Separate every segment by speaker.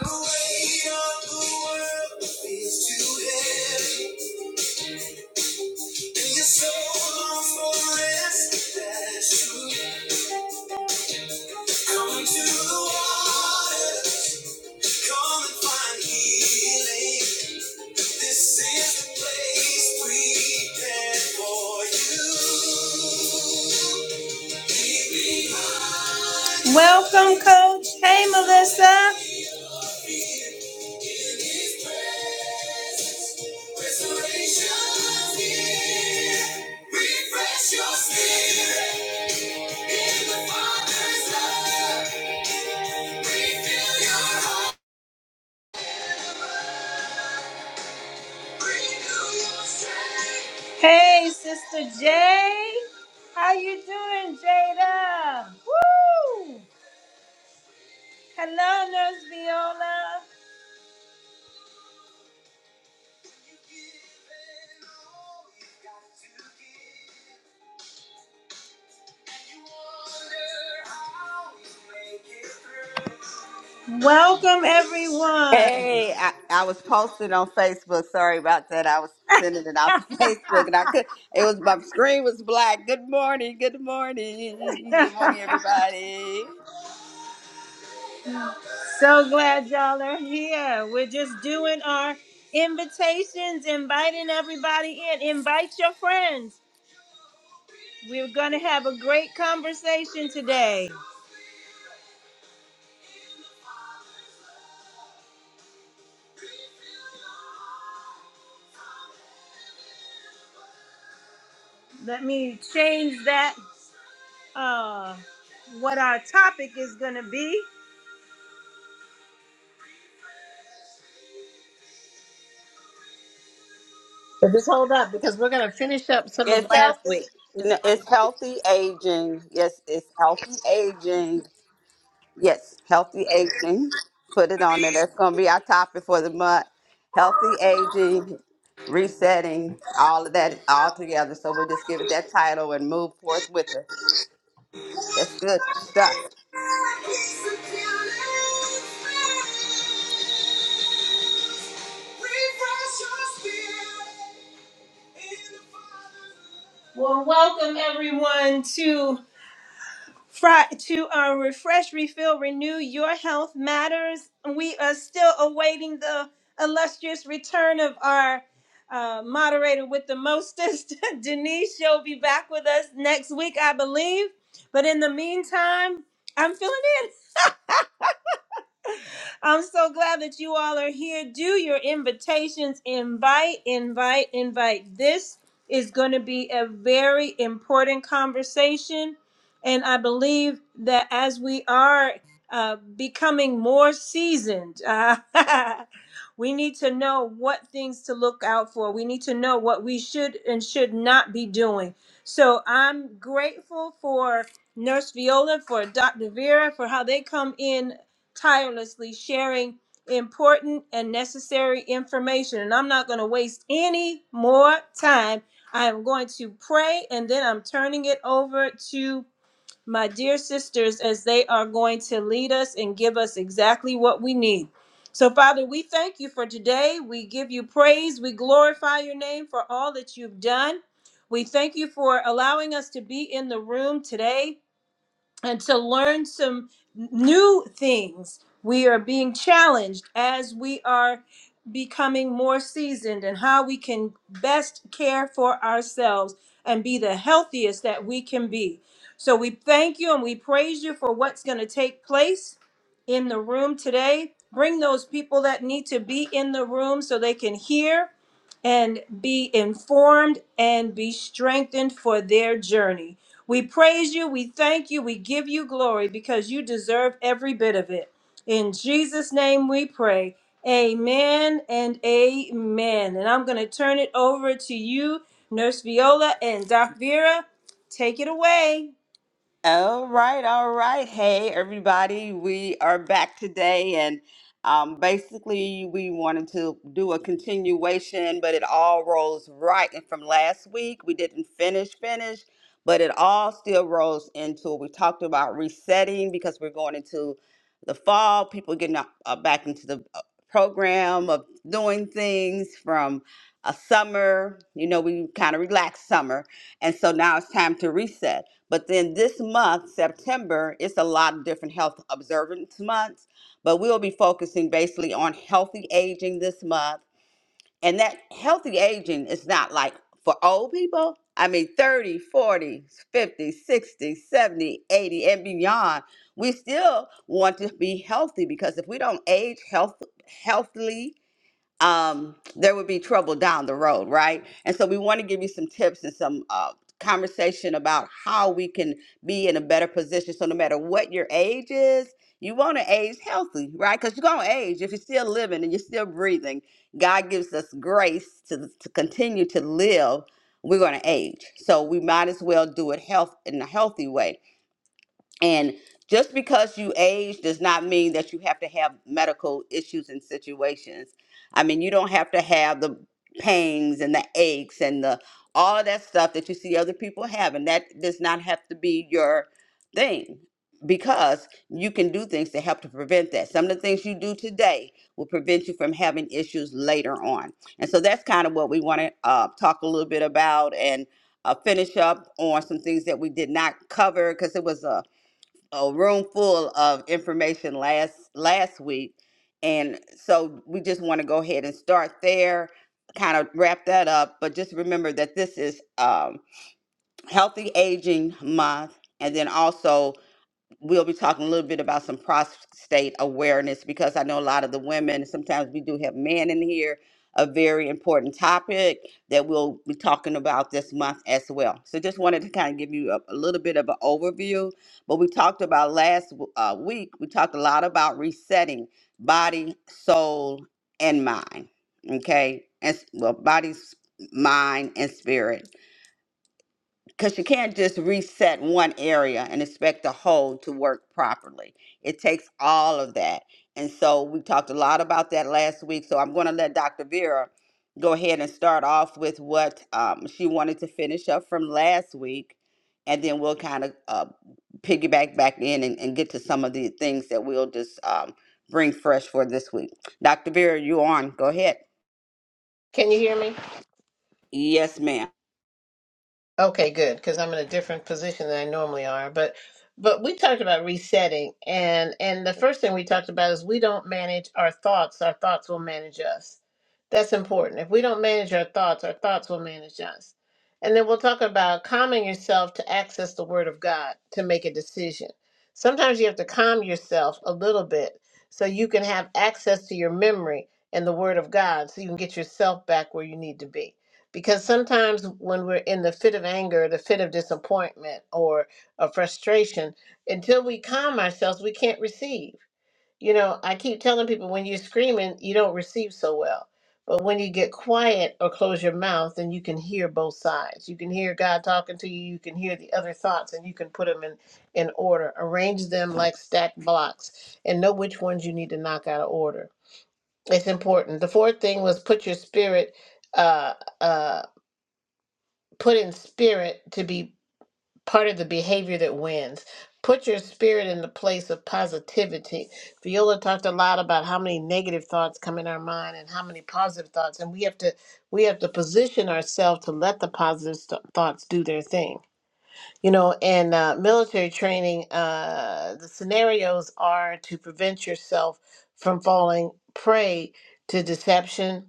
Speaker 1: The weight of the world feels too heavy, and your soul longs for rest. That's true. Come to the water, come and find healing. This is the place prepared for you. Welcome, Coach. Hey, Melissa. Hey, Sister Jay. How you doing, Jada? Woo! Hello, Nurse Viola. Welcome, everyone.
Speaker 2: Hey, I, I was posting on Facebook. Sorry about that. I was sending it out to Facebook, and I could. It was my screen was black. Good morning. Good morning. Good morning, everybody.
Speaker 1: so glad y'all are here. We're just doing our invitations, inviting everybody in. Invite your friends. We're going to have a great conversation today. Let me change that. Uh, what our topic is going to be.
Speaker 3: But just hold up because we're going to finish up some of
Speaker 2: It's
Speaker 3: last
Speaker 2: healthy.
Speaker 3: week. It's
Speaker 2: no,
Speaker 3: not
Speaker 2: It's
Speaker 3: going to be.
Speaker 2: healthy aging. Yes, it's healthy aging. Yes, healthy aging. Put it on there. That's going to be our topic for the month. Healthy aging, resetting, all of that all together. So we'll just give it that title and move forth with it. That's good stuff.
Speaker 1: Well, welcome everyone to Fri to uh, refresh, refill, renew. Your health matters. We are still awaiting the illustrious return of our uh, moderator with the mostest, Denise. She'll be back with us next week, I believe. But in the meantime, I'm filling in. I'm so glad that you all are here. Do your invitations, invite, invite, invite. This is going to be a very important conversation. And I believe that as we are uh, becoming more seasoned, uh, we need to know what things to look out for. We need to know what we should and should not be doing. So I'm grateful for Nurse Viola, for Dr. Vera, for how they come in tirelessly sharing important and necessary information. And I'm not going to waste any more time. I am going to pray and then I'm turning it over to my dear sisters as they are going to lead us and give us exactly what we need. So, Father, we thank you for today. We give you praise. We glorify your name for all that you've done. We thank you for allowing us to be in the room today and to learn some new things. We are being challenged as we are becoming more seasoned and how we can best care for ourselves and be the healthiest that we can be. So we thank you and we praise you for what's going to take place in the room today. Bring those people that need to be in the room so they can hear and be informed and be strengthened for their journey. We praise you, we thank you, we give you glory because you deserve every bit of it. In Jesus' name we pray. Amen and amen. And I'm going to turn it over to you, Nurse Viola and Doc Vera. Take it away.
Speaker 2: All right, all right. Hey, everybody, we are back today, and um, basically, we wanted to do a continuation, but it all rolls right. And from last week, we didn't finish, finish, but it all still rolls into it. We talked about resetting because we're going into the fall, people getting uh, uh, back into the uh, program of doing things from a summer. You know, we kind of relaxed summer, and so now it's time to reset. But then this month, September, it's a lot of different health observance months, but we'll be focusing basically on healthy aging this month. And that healthy aging is not like for old people. I mean, 30, 40, 50, 60, 70, 80, and beyond. We still want to be healthy because if we don't age health, healthily, um, there would be trouble down the road, right? And so we want to give you some tips and some uh, conversation about how we can be in a better position. So no matter what your age is, you want to age healthy, right? Because you're going to age. If you're still living and you're still breathing, God gives us grace to, to continue to live. We're going to age. So we might as well do it health in a healthy way. And just because you age does not mean that you have to have medical issues and situations. I mean, you don't have to have the pangs and the aches and the all of that stuff that you see other people have, and that does not have to be your thing because you can do things to help to prevent that. Some of the things you do today will prevent you from having issues later on. And so that's kind of what we want to uh, talk a a room full of information last last week and so we just want to go ahead and start there kind of wrap that up but just remember that this is um, healthy aging month and then also we'll be talking a little bit about some prostate awareness because I know a lot of the women, sometimes we do have men in here, a very important topic that we'll be talking about this month as well. So just wanted to kind of give you a, a little bit of an overview. But we talked about last uh, week, we talked a lot about resetting body, soul, and mind. Okay. And s- well, body, s- mind, and spirit because you can't just reset one area and expect the whole to work properly. It takes all of that. And so we talked a lot about that last week. So I'm going to let Dr. Vera go ahead and start off with what um, she wanted to finish up from last week. And then we'll kind of uh, piggyback back in and, and get to some of the things that we'll just um, bring fresh for this week. Dr. Vera, you on. Go ahead.
Speaker 3: Can you hear me?
Speaker 2: Yes, ma'am.
Speaker 3: Okay, good, because I'm in a different position than I normally are. But but we talked about resetting and and the first thing we talked about is we don't manage our thoughts, our thoughts will manage us. That's important. If we don't manage our thoughts, our thoughts will manage us. And then we'll talk about calming yourself to access the word of God to make a decision. Sometimes you have to calm yourself a little bit so you can have access to your memory and the word of God so you can get yourself back where you need to be because sometimes when we're in the fit of anger, the fit of disappointment or of frustration, until we calm ourselves, we can't receive. You know, I keep telling people when you're screaming, you don't receive so well. But when you get quiet or close your mouth, then you can hear both sides. You can hear God talking to you. You can hear the other thoughts, and you can put them in, in order, arrange them like stacked blocks, and know which ones you need to knock out of order. It's important. The fourth thing was put your spirit. Uh, uh, put in spirit to be part of the behavior that wins. Put your spirit in the place of positivity. Viola talked a lot about how many negative thoughts come in our mind and how many positive thoughts, and we have to we have to position ourselves to let the positive st- thoughts do their thing. You know, in uh, military training, uh, the scenarios are to prevent yourself from falling prey to deception,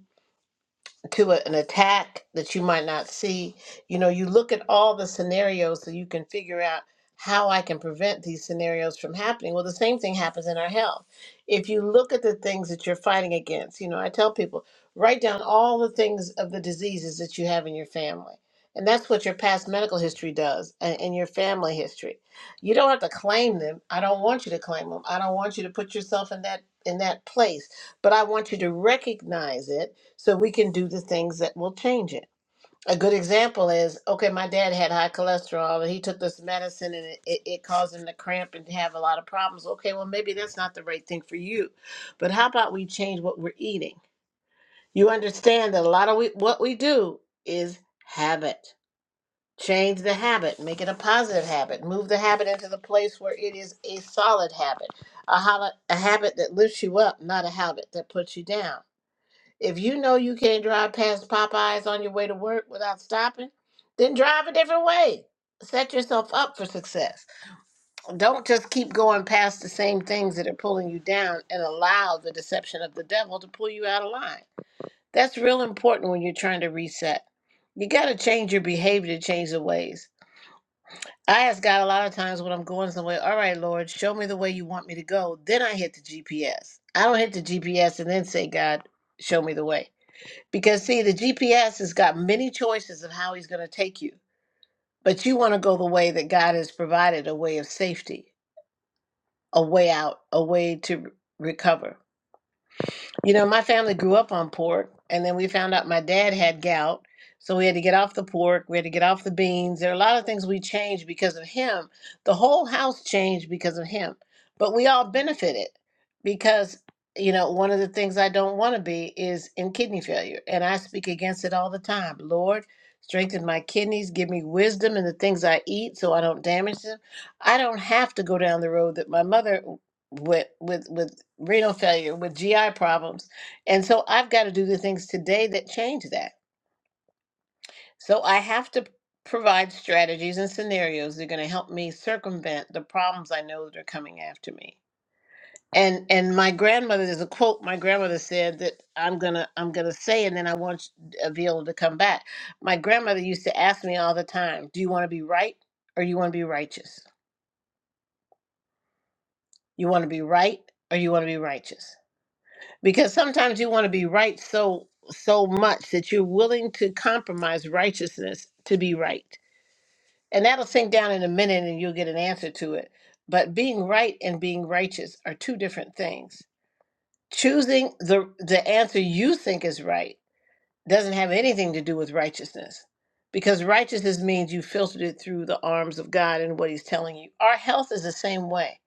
Speaker 3: to a- an attack that you might not see. You know, you look at all the scenarios so you can figure out how I can prevent these scenarios from happening. Well, the same thing happens in our health. If you look at the things that you're fighting against, you know, I tell people write down all the things of the diseases that you have in your family. And that's what your past medical history does and, and your family history. You don't have to claim them. I don't want you to claim them. I don't want you to put yourself in that in that place, but I want you to recognize it so we can do the things that will change it. A good example is okay, my dad had high cholesterol and he took this medicine and it, it, it caused him to cramp and have a lot of problems. Okay, well, maybe that's not the right thing for you. But how about we change what we're eating? You understand that a lot of we, what we do is habit. Change the habit, make it a positive habit, move the habit into the place where it is a solid habit, a, hol- a habit that lifts you up, not a habit that puts you down if you know you can't drive past Popeyes on your way to work without stopping, then drive a different way. Set yourself up for success. Don't just keep going past the same things that are pulling you down and allow the deception of the devil to pull you out of line. That's real important when you're trying to reset. You got to change your behavior to change the ways. I ask God a lot of times when I'm going somewhere, all right, Lord, show me the way you want me to go. Then I hit the GPS. I don't hit the GPS and then say, God, show me the way. Because see, the GPS has got many choices of how he's going to take you, but you want to go the way that God has provided a way of safety, a way out, a way to re- recover. You know, my family grew up on pork, and then we found out my dad had gout. So we had to get off the pork, we had to get off the beans. There are a lot of things we changed because of him. The whole house changed because of him. But we all benefited because, you know, one of the things I don't want to be is in kidney failure. And I speak against it all the time. Lord, strengthen my kidneys, give me wisdom in the things I eat so I don't damage them. I don't have to go down the road that my mother with with with renal failure with gi problems and so i've got to do the things today that change that so i have to provide strategies and scenarios that are going to help me circumvent the problems i know that are coming after me and and my grandmother there's a quote my grandmother said that i'm gonna i'm gonna say and then i want avila to come back my grandmother used to ask me all the time do you want to be right or you want to be righteous you want to be right or you want to be righteous because sometimes you want to be right so so much that you're willing to compromise righteousness to be right and that'll sink down in a minute and you'll get an answer to it but being right and being righteous are two different things choosing the the answer you think is right doesn't have anything to do with righteousness because righteousness means you filtered it through the arms of god and what he's telling you our health is the same way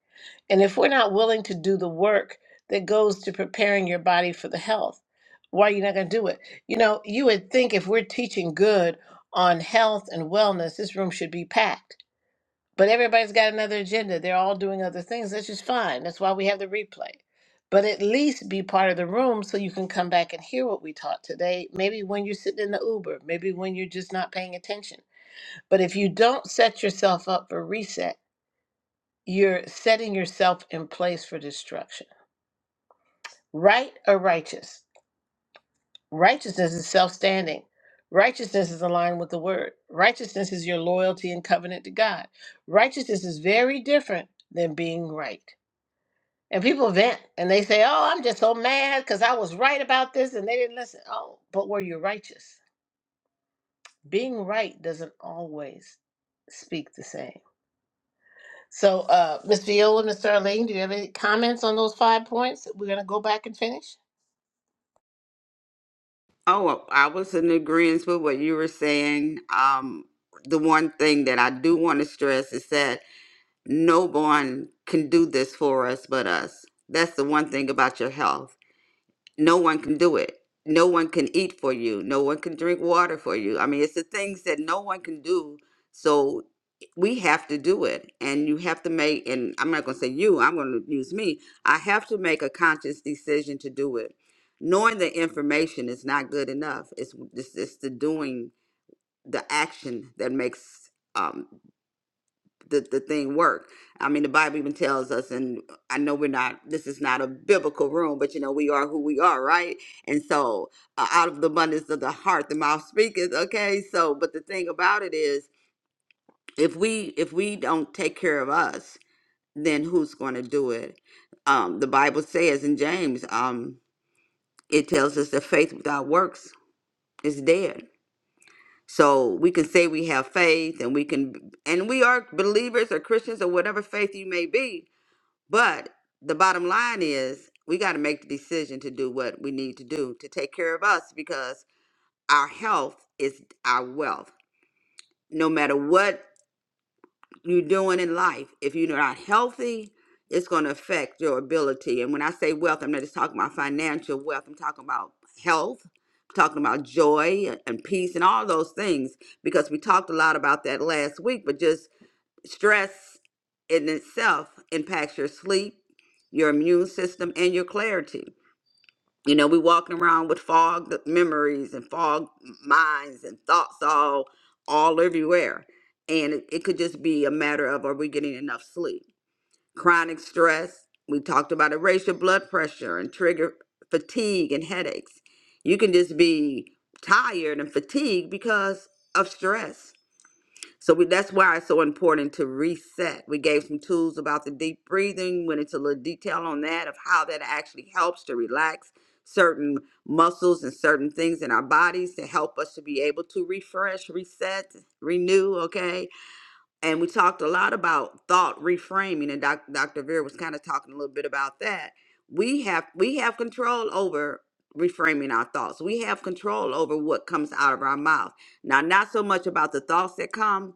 Speaker 3: and if we're not willing to do the work that goes to preparing your body for the health, why are you not going to do it? You know, you would think if we're teaching good on health and wellness, this room should be packed. But everybody's got another agenda. They're all doing other things. That's just fine. That's why we have the replay. But at least be part of the room so you can come back and hear what we taught today. Maybe when you're sitting in the Uber, maybe when you're just not paying attention. But if you don't set yourself up for reset, you're setting yourself in place for destruction. Right or righteous? Righteousness is self standing. Righteousness is aligned with the word. Righteousness is your loyalty and covenant to God. Righteousness is very different than being right. And people vent and they say, Oh, I'm just so mad because I was right about this and they didn't listen. Oh, but were you righteous? Being right doesn't always speak the same. So, uh, Ms. Viola, Mr. Arlene, do you have any comments on those five points? We're gonna go back and finish.
Speaker 2: Oh, I was in agreement with what you were saying. Um, the one thing that I do want to stress is that no one can do this for us but us. That's the one thing about your health no one can do it. No one can eat for you. No one can drink water for you. I mean, it's the things that no one can do. So we have to do it. And you have to make, and I'm not going to say you, I'm going to use me. I have to make a conscious decision to do it. Knowing the information is not good enough. It's, it's, it's the doing, the action that makes. Um, the, the thing work. I mean, the Bible even tells us, and I know we're not, this is not a biblical room, but you know, we are who we are, right? And so, uh, out of the abundance of the heart, the mouth speaketh, okay? So, but the thing about it is, if we if we don't take care of us, then who's going to do it? Um, the Bible says in James, um, it tells us that faith without works is dead. So we can say we have faith, and we can, and we are believers or Christians or whatever faith you may be, But the bottom line is we got to make the decision to do what we need to do to take care of us because our health is our wealth. No matter what you're doing in life, if you're not healthy, it's going to affect your ability. And when I say wealth, I'm not just talking about financial wealth, I'm talking about health. I'm Talking about joy and peace and all those things because we talked a lot about that last week. But just Stress in itself impacts your sleep, your immune system, and your clarity. You know, we walking around with fog memories and fog minds and thoughts all all everywhere. And it, it could just be a matter of are we getting enough sleep? Chronic stress, we talked about it, raise your blood pressure and trigger fatigue and headaches. You can just be tired and fatigued because of stress so we, that's why it's so important to reset. We gave some tools about the deep breathing, went into a little detail on that of how that actually helps to relax certain muscles and certain things in our bodies to help us to be able to refresh, reset, renew, okay? And we talked a lot about thought reframing and doc, Dr. Veer was kind of talking a little bit about that. We have we have control over reframing our thoughts. We have control over what comes out of our mouth. Now, not so much about the thoughts that come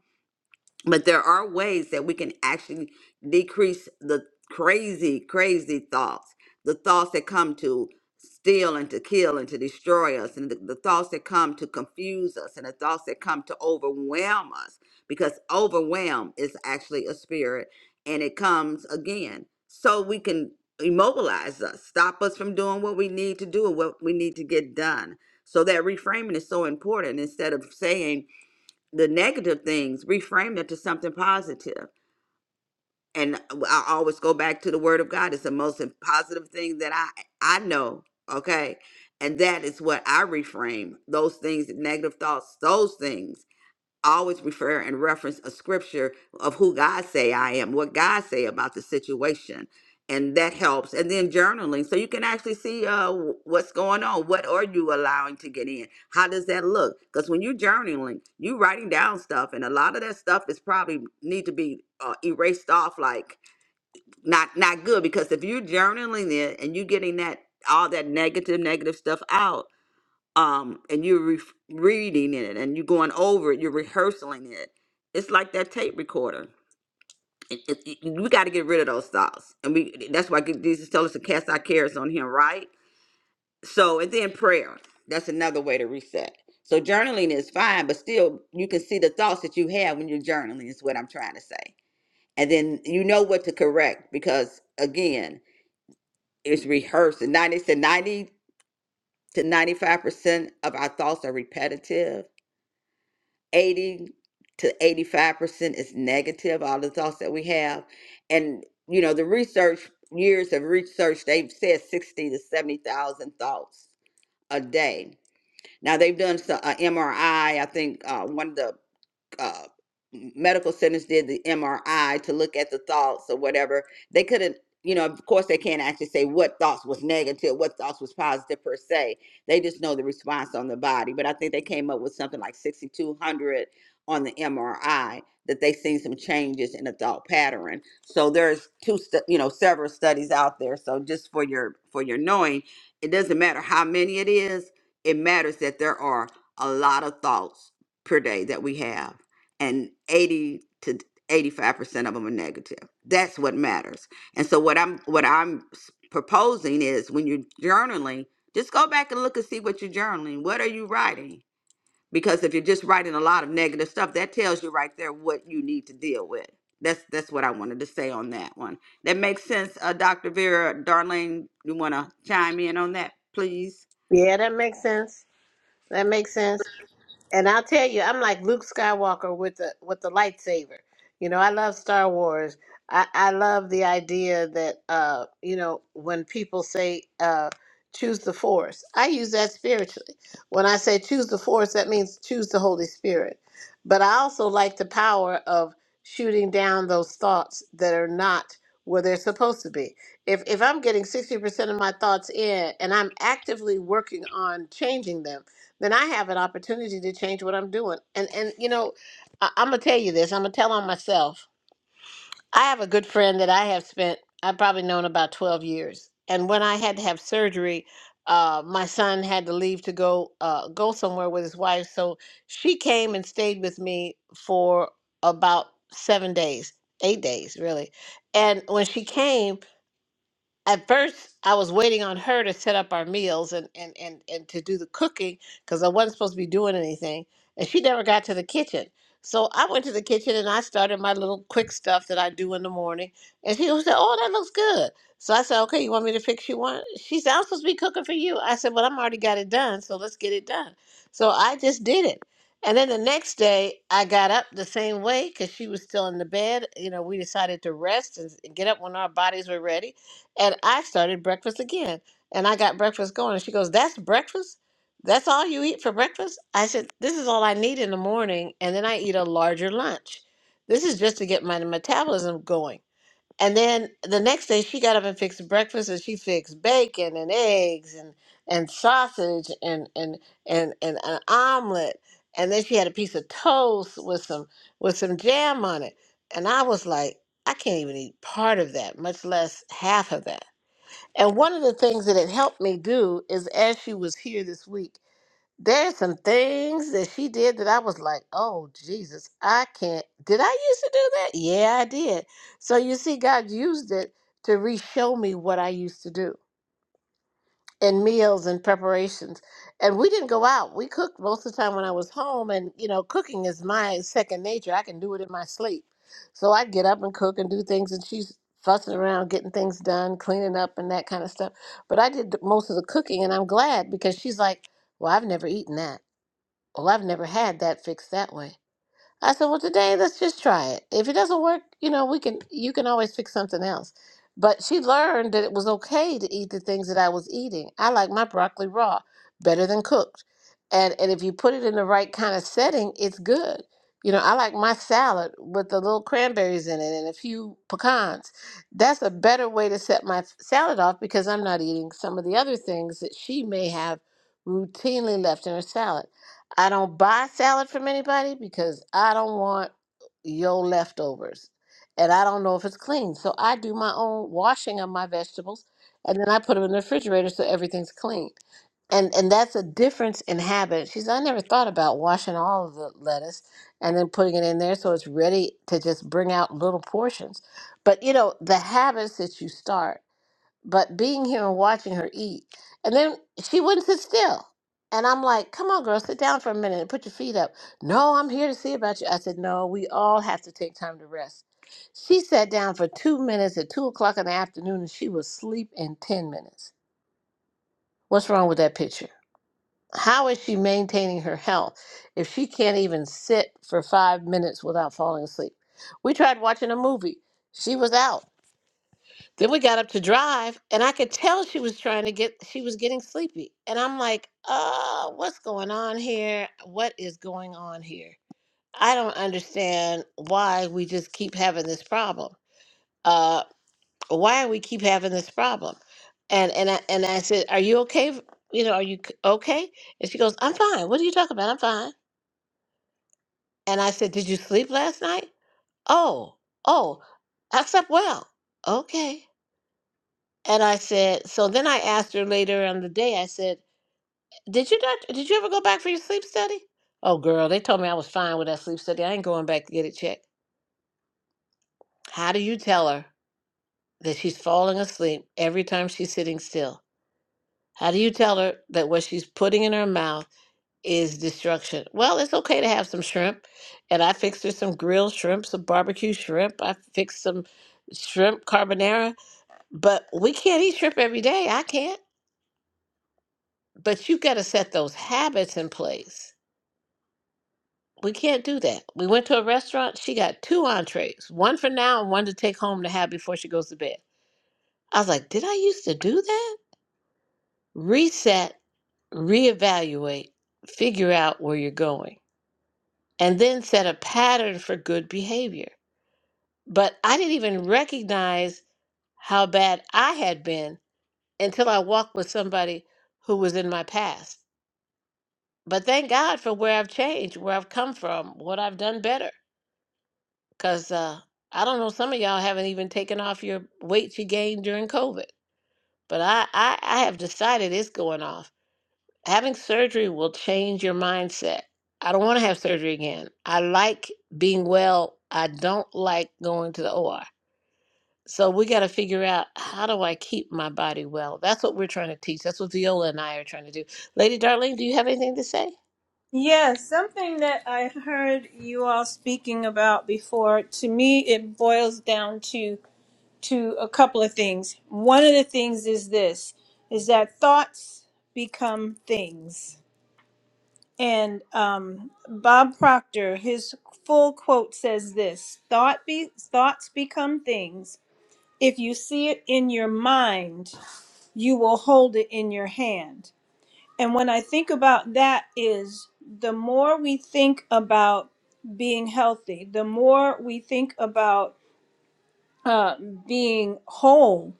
Speaker 2: but there are ways that we can actually decrease the crazy crazy thoughts the thoughts that come to steal and to kill and to destroy us and the, the thoughts that come to confuse us and the thoughts that come to overwhelm us because overwhelm is actually a spirit and it comes again so we can immobilize us stop us from doing what we need to do and what we need to get done so that reframing is so important instead of saying the negative things, reframe it to something positive. And I always go back to the word of God. It's the most positive thing that I I know. Okay. And that is what I reframe those things, negative thoughts, those things I always refer and reference a scripture of who God say I am, what God say about the situation, and that helps. And then journaling, so you can actually see uh, wh- what's going on. What are you allowing to get in? How does that look? Because when you're journaling, you writing down stuff, and a lot of that stuff is probably need to be uh, erased off, like not not good. Because if you're journaling it and you're getting that all that negative negative stuff out um and you're re- reading it and you're going over it you're rehearsing it it's like that tape recorder it, it, it- we got to get rid of those thoughts and we that's why jesus told us to cast our cares on him right so and then prayer that's another way to reset so journaling is fine but still you can see the thoughts that you have when you're journaling is what i'm trying to say and then you know what to correct because again it's rehearsed and 90 to 90 to 95 percent of our thoughts are repetitive 80 to 85% is negative, all the thoughts that we have. And, you know, the research, years of research, they've said 60 to 70,000 thoughts a day. Now, they've done so- a MRI, I I think uh, one of the uh, medical centers did the MRI to look at the thoughts or whatever, they couldn't, you know, of course they can't actually say what thoughts was negative, what thoughts was positive per se. They just know the response on the body. But I think they came up with something like 6,200 on the MRI that they seen some changes in the thought pattern. So there's two, stu- you know, several studies out there. So just for your for your knowing, it doesn't matter how many it is. It matters that there are a lot of thoughts per day that we have and 80 to 85% of them are negative. That's what matters. And so what I'm what I'm s- proposing is when you're journaling, just go back and look and see what you're journaling. What are you writing? Because if you're just writing a lot of negative stuff, that tells you right there what you need to deal with. That's that's what I wanted to say on that one. That makes sense, uh, Dr. Vera, Darlene. You want to chime in on that, please?
Speaker 3: Yeah, that makes sense. That makes sense. And I'll tell you, I'm like Luke Skywalker with the with the lightsaber. You know, I love Star Wars. I, I love the idea that uh, you know, when people say uh choose the force. I use that spiritually. When I say choose the force, that means choose the Holy Spirit. But I also like the power of shooting down those thoughts that are not where they're supposed to be. If if I'm getting 60% of my thoughts in and I'm actively working on changing them, then I have an opportunity to change what I'm doing. And and you know, I, I'm gonna tell you this. I'm gonna tell on myself. I have a good friend that I have spent I've probably known about 12 years. And when I had to have surgery, uh, my son had to leave to go uh, go somewhere with his wife. So she came and stayed with me for about seven days, eight days really. And when she came, at first I was waiting on her to set up our meals and and and, and to do the cooking because I wasn't supposed to be doing anything, and she never got to the kitchen. So I went to the kitchen and I started my little quick stuff that I do in the morning. And she was said, "Oh, that looks good." So I said, "Okay, you want me to fix you one?" She said, "I'm supposed to be cooking for you." I said, "Well, I'm already got it done, so let's get it done." So I just did it. And then the next day, I got up the same way because she was still in the bed. You know, we decided to rest and and get up when our bodies were ready. And I started breakfast again. And I got breakfast going. And she goes, That's breakfast? That's all you eat for breakfast? I said, This is all I need in the morning. And then I eat a larger lunch. This is just to get my metabolism going. And then the next day, she got up and fixed breakfast and she fixed bacon and eggs and, and sausage and, and, and, and an omelet. And then she had a piece of toast with some, with some jam on it. And I was like, I can't even eat part of that, much less half of that. And one of the things that it helped me do is as she was here this week, there's some things that she did that I was like, oh, Jesus, I can't. Did I used to do that? Yeah, I did. So you see, God used it to re show me what I used to do and meals and preparations. And we didn't go out. We cooked most of the time when I was home. And, you know, cooking is my second nature. I can do it in my sleep. So I'd get up and cook and do things. And she's fussing around, getting things done, cleaning up, and that kind of stuff. But I did the- most of the cooking. And I'm glad because she's like, well, I've never eaten that. Well, I've never had that fixed that way. I said, well, today let's just try it. If it doesn't work, you know, we can you can always fix something else. But she learned that it was okay to eat the things that I was eating. I like my broccoli raw better than cooked. And and if you put it in the right kind of setting, it's good. You know, I like my salad with the little cranberries in it and a few pecans. That's a better way to set my f- salad off because I'm not eating some of the other things that she may have routinely left in her salad. I don't buy salad from anybody because I don't want your leftovers. And I don't know if it's clean. So I do my own washing of my vegetables and then I put them in the refrigerator so everything's clean. And and that's a difference in habit. She's I never thought about washing all of the lettuce and then putting it in there so it's ready to just bring out little portions. But you know, the habits that you start but being here and watching her eat. And then she wouldn't sit still. And I'm like, come on, girl, sit down for a minute and put your feet up. No, I'm here to see about you. I said, no, we all have to take time to rest. She sat down for two minutes at two o'clock in the afternoon and she was asleep in 10 minutes. What's wrong with that picture? How is she maintaining her health if she can't even sit for five minutes without falling asleep? We tried watching a movie. She was out. Then we got up to drive, and I could tell she was trying to get, she was getting sleepy. And I'm like, oh, what's going on here? What is going on here? I don't understand why we just keep having this problem. Uh, why we keep having this problem? And and I, and I said, are you okay? You know, are you c- okay? And she goes, I'm fine. What are you talking about? I'm fine. And I said, did you sleep last night? Oh, oh, I slept well. Okay. And I said, so then I asked her later on the day, I said, Did you not did you ever go back for your sleep study? Oh girl, they told me I was fine with that sleep study. I ain't going back to get it checked. How do you tell her that she's falling asleep every time she's sitting still? How do you tell her that what she's putting in her mouth is destruction? Well, it's okay to have some shrimp. And I fixed her some grilled shrimp, some barbecue shrimp. I fixed some shrimp carbonara. But we can't eat shrimp every day. I can't. But you got to set those habits in place. We can't do that. We went to a restaurant. She got two entrees, one for now and one to take home to have before she goes to bed. I was like, did I used to do that? Reset, reevaluate, figure out where you're going, and then set a pattern for good behavior. But I didn't even recognize how bad I had been until I walked with somebody who was in my past. But thank God for where I've changed, where I've come from, what I've done better. Cause uh, I don't know, some of y'all haven't even taken off your weight you gained during COVID. But I, I, I have decided it's going off. Having surgery will change your mindset. I don't want to have surgery again. I like being well. I don't like going to the OR. So we got to figure out how do I keep my body well. That's what we're trying to teach. That's what Viola and I are trying to do. Lady Darling, do you have anything to say?
Speaker 1: Yes, something that I heard you all speaking about before, to me, it boils down to to a couple of things. One of the things is this is that thoughts become things And um, Bob Proctor, his full quote says this: "Thought be thoughts become things. If you see it in your mind, you will hold it in your hand." And when I think about that, is the more we think about being healthy, the more we think about uh, being whole.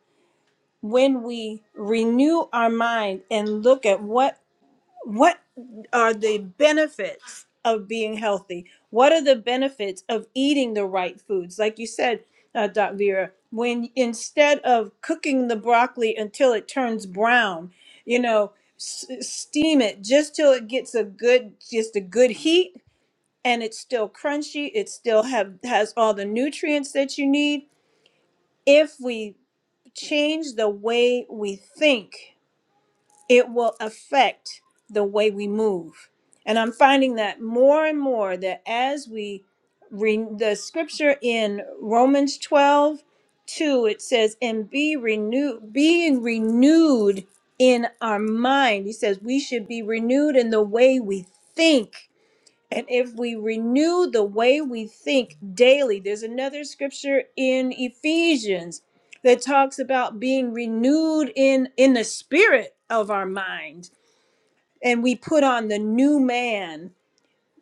Speaker 1: When we renew our mind and look at what what are the benefits of being healthy? What are the benefits of eating the right foods? Like you said, uh, Doc Vera, when instead of cooking the broccoli until it turns brown, you know, s- steam it just till it gets a good, just a good heat, and it's still crunchy. It still have has all the nutrients that you need. If we change the way we think it will affect the way we move. And I'm finding that more and more that as we read the scripture in Romans 12, 2 it says, and be renewed, being renewed in our mind. He says we should be renewed in the way we think and if we renew the way we think daily, there's another scripture in Ephesians that talks about being renewed in in the spirit of our mind and we put on the new man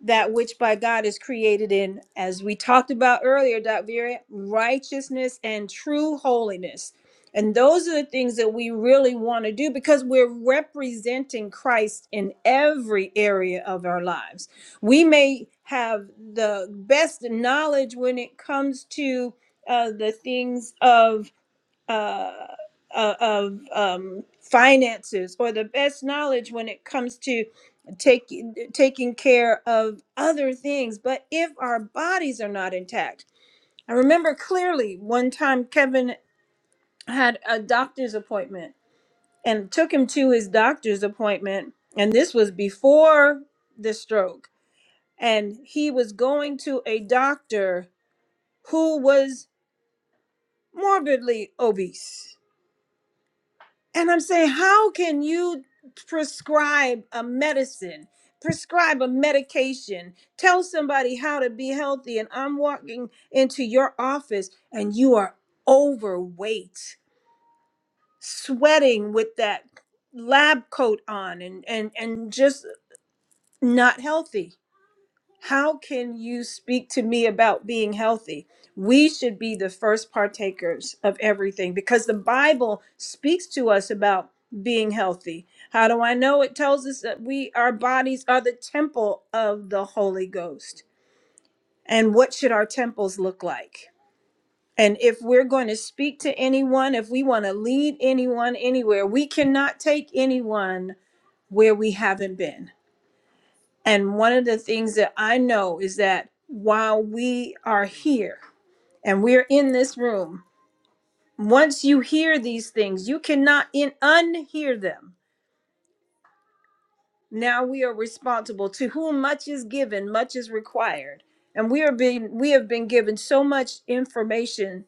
Speaker 1: that which by God is created in, as we talked about earlier, Dr. Vera, righteousness and true holiness. And those are the things that we really want to do because we're representing Christ in every area of our lives. We may have the best knowledge when it comes to uh, the things of uh, o- of um, finances or the best knowledge when it comes to taking taking care of other things. But if our bodies are not intact, I remember clearly one time Kevin had a doctor's appointment and took him to his doctor's appointment, and this was before the stroke, and he was going to a doctor who was morbidly obese And I'm saying, how can you prescribe a medicine, prescribe a medication, tell somebody how to be healthy? And I'm walking into your office and you are overweight, sweating with that lab coat on and and and just not healthy. How can you speak to me about being healthy? We should be the first partakers of everything because the Bible speaks to us about being healthy. How do I know? It tells us that we our bodies are the temple of the Holy Ghost. And what should our temples look like? And if we're going to speak to anyone, if we want to lead anyone anywhere, we cannot take anyone where we haven't been and one of the things that I know is that while we are here and we're in this room, once you hear these things, you cannot in- unhear them. Now we are responsible to whom much is given, much is required. And we are being we have been given so much information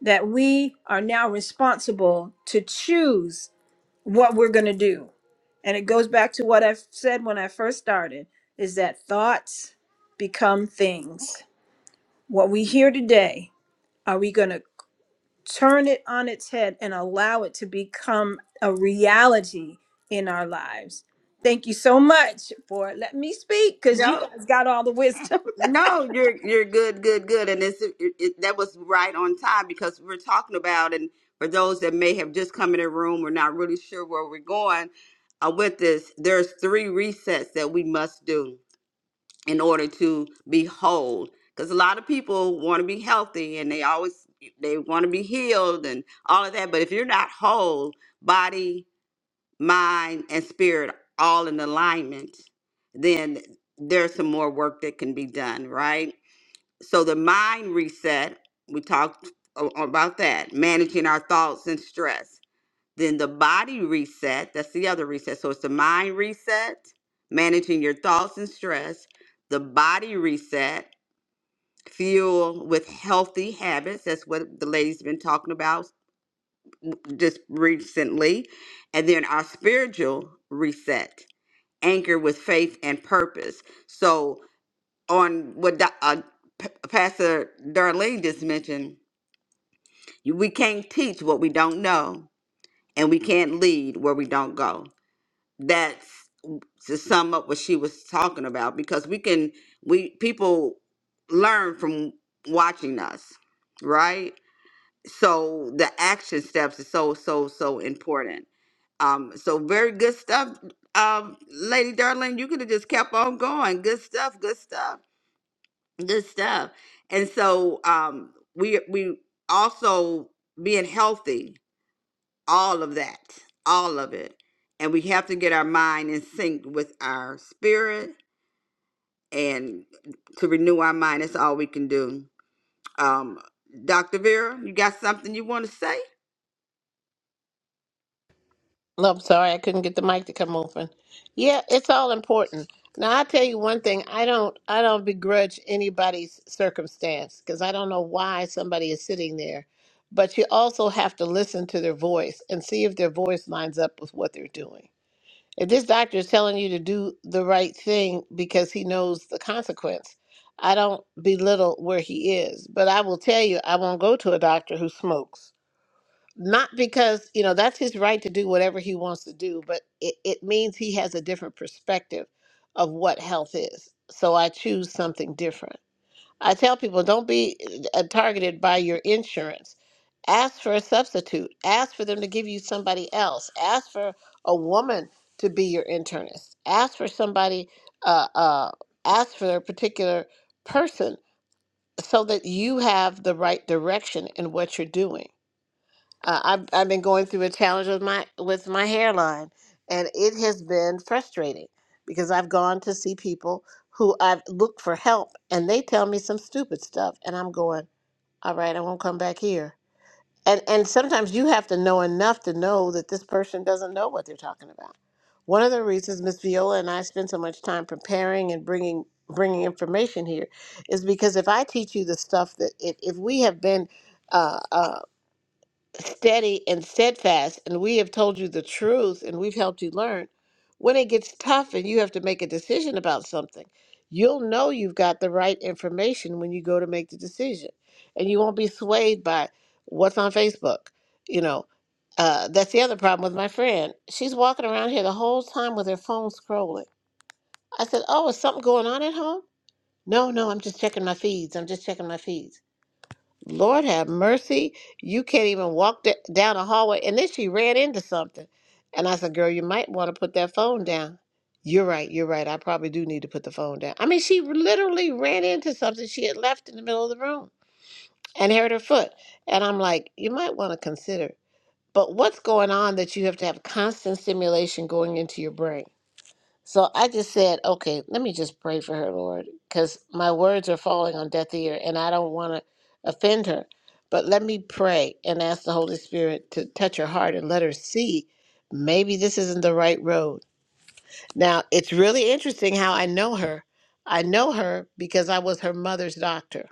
Speaker 1: that we are now responsible to choose what we're going to do. And it goes back to what I said when I first started is that thoughts become things What we hear today, are we going to turn it on its head and allow it to become a reality in our lives? Thank you so much for letting me speak because you guys got all the wisdom.
Speaker 2: No, you're you're good, good, good, and it's it, it, that was right on time because we're talking about, and for those that may have just come in the room, we're not really sure where we're going uh, with this. There's three resets that we must do in order to be whole, because a lot of people want to be healthy and they always they want to be healed and all of that, but if you're not whole, body, mind, and spirit all in alignment, then there's some more work that can be done, right? so the mind reset we talked a- about that managing our thoughts and stress then the body reset that's the other reset so it's the mind reset managing your thoughts and stress the body reset fuel with healthy habits that's what the lady's been talking about just recently and then our spiritual reset anchor with faith and purpose so on what Do- uh, P- pastor darlene just mentioned You- We can't teach what we don't know, and we can't lead where we don't go. That's to sum up what she was talking about because we can, we people learn from watching us, right? So the action steps is so, so, so important. Um, so very good stuff, um, Lady Darling. You could have just kept on going. Good stuff, good stuff, good stuff. And so um, we we also being healthy all of that, all of it. And we have to get our mind in sync with our spirit and to renew our mind. That's all we can do. Um, Dr. Vera, you got something you want to say?
Speaker 3: No, I'm sorry, I couldn't get the mic to come open. Yeah, it's all important. Now I tell you one thing, I don't I don't begrudge anybody's circumstance because I don't know why somebody is sitting there. But you also have to listen to their voice and see if their voice lines up with what they're doing. If this doctor is telling you to do the right thing because he knows the consequence, I don't belittle where he is. But I will tell you, I won't go to a doctor who smokes not because you know that's his right to do whatever he wants to do but it, it means he has a different perspective of what health is so i choose something different i tell people don't be uh, targeted by your insurance ask for a substitute ask for them to give you somebody else ask for a woman to be your internist ask for somebody uh, uh, ask for a particular person so that you have the right direction in what you're doing uh, I've I've been going through a challenge with my with my hairline, and it has been frustrating because I've gone to see people who I've looked for help, and they tell me some stupid stuff, and I'm going, all right, I won't come back here. And and sometimes you have to know enough to know that this person doesn't know what they're talking about. One of the reasons Miss Viola and I spend so much time preparing and bringing bringing information here is because if I teach you the stuff that if, if we have been uh, uh, steady and steadfast, and we have told you the truth and we've helped you learn, when it gets tough and you have to make a decision about something, you'll know you've got the right information when you go to make the decision. And you won't be swayed by what's on Facebook. You know, uh, that's the other problem with my friend. She's walking around here the whole time with her phone scrolling. I said, Oh, is something going on at home? No, no, I'm just checking my feeds. I'm just checking my feeds. Lord have mercy. You can't even walk d- down a hallway. And then she ran into something. And I said, Girl, you might want to put that phone down. You're right. You're right. I probably do need to put the phone down. I mean, she literally ran into something she had left in the middle of the room and hurt her foot. And I'm like, You might want to consider. But what's going on that you have to have constant stimulation going into your brain? So I just said, okay, let me just pray for her, Lord, because my words are falling on deaf ear and I don't want to offend her. But let me pray and ask the Holy Spirit to touch her heart and let her see maybe this isn't the right road. Now, it's really interesting how I know her. I know her because I was her mother's doctor.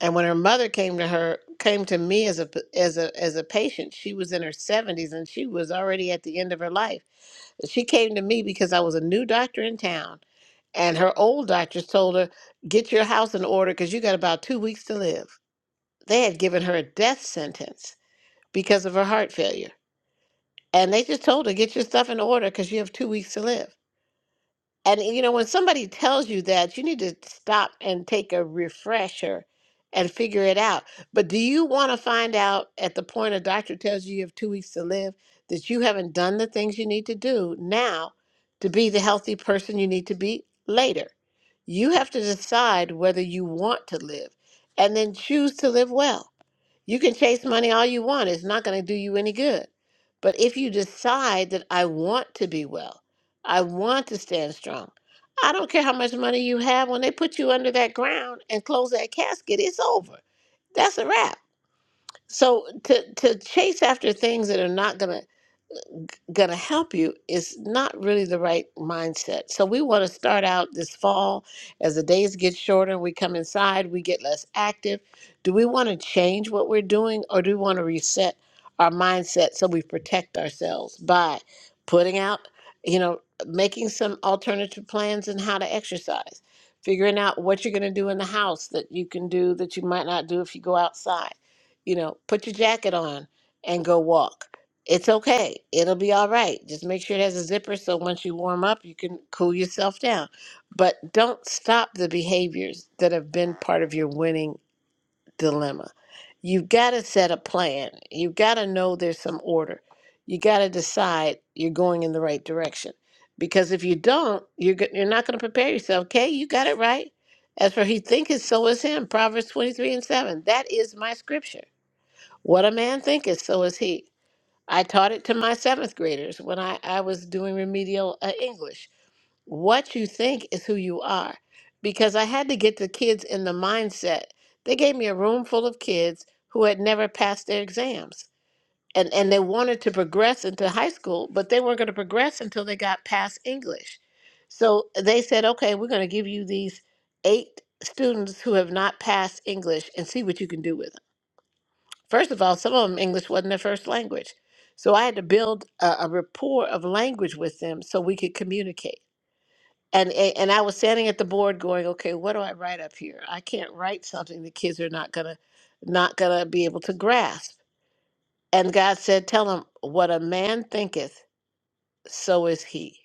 Speaker 3: And when her mother came to her, came to me as a as a as a patient, she was in her 70s and she was already at the end of her life. She came to me because I was a new doctor in town and her old doctors told her, get your house in order because you got about two weeks to live. They had given her a death sentence because of her heart failure. And they just told her, get your stuff in order because you have two weeks to live. And you know, when somebody tells you that, you need to stop and take a refresher and figure it out. But do you want to find out at the point a doctor tells you you have two weeks to live that you haven't done the things you need to do now to be the healthy person you need to be later? You have to decide whether you want to live and then choose to live well you can chase money all you want, it's not going to do you any good. But if you decide that I want to be well, I want to stand strong, I don't care how much money you have, when they put you under that ground and close that casket, it's over. That's a wrap. So to, to chase after things that are not going to going to help you is not really the right mindset. So we want to start out this fall as the days get shorter, we come inside, we get less active. Do we want to change what we're doing or do we want to reset our mindset so we protect ourselves by putting out, you know, making some alternative plans and how to exercise, figuring out what you're going to do in the house that you can do that you might not do if you go outside. You know, put your jacket on and go walk it's okay. It'll be all right. Just make sure it has a zipper so once you warm up, you can cool yourself down. But don't stop the behaviors that have been part of your winning dilemma. You've got to set a plan. You've got to know there's some order. You got to decide you're going in the right direction. Because if you don't, you're go- you're not going to prepare yourself. Okay, you got it right. As for he thinketh, so is him. Proverbs 23 and 7. That is my scripture. What a man thinketh, so is he. I taught it to my seventh graders when I, I was doing remedial uh, English. What you think is who you are. Because I had to get the kids in the mindset. They gave me a room full of kids who had never passed their exams. And, and they wanted to progress into high school, but they weren't going to progress until they got past English. So they said, okay, we're going to give you these eight students who have not passed English and see what you can do with. them." First of all, some of them English wasn't their first language. So I had to build a, a rapport of language with them so we could communicate. And, and and I was standing at the board going, okay, what do I write up here? I can't write something the kids are not gonna not gonna be able to grasp. And God said, tell them what a man thinketh, so is he.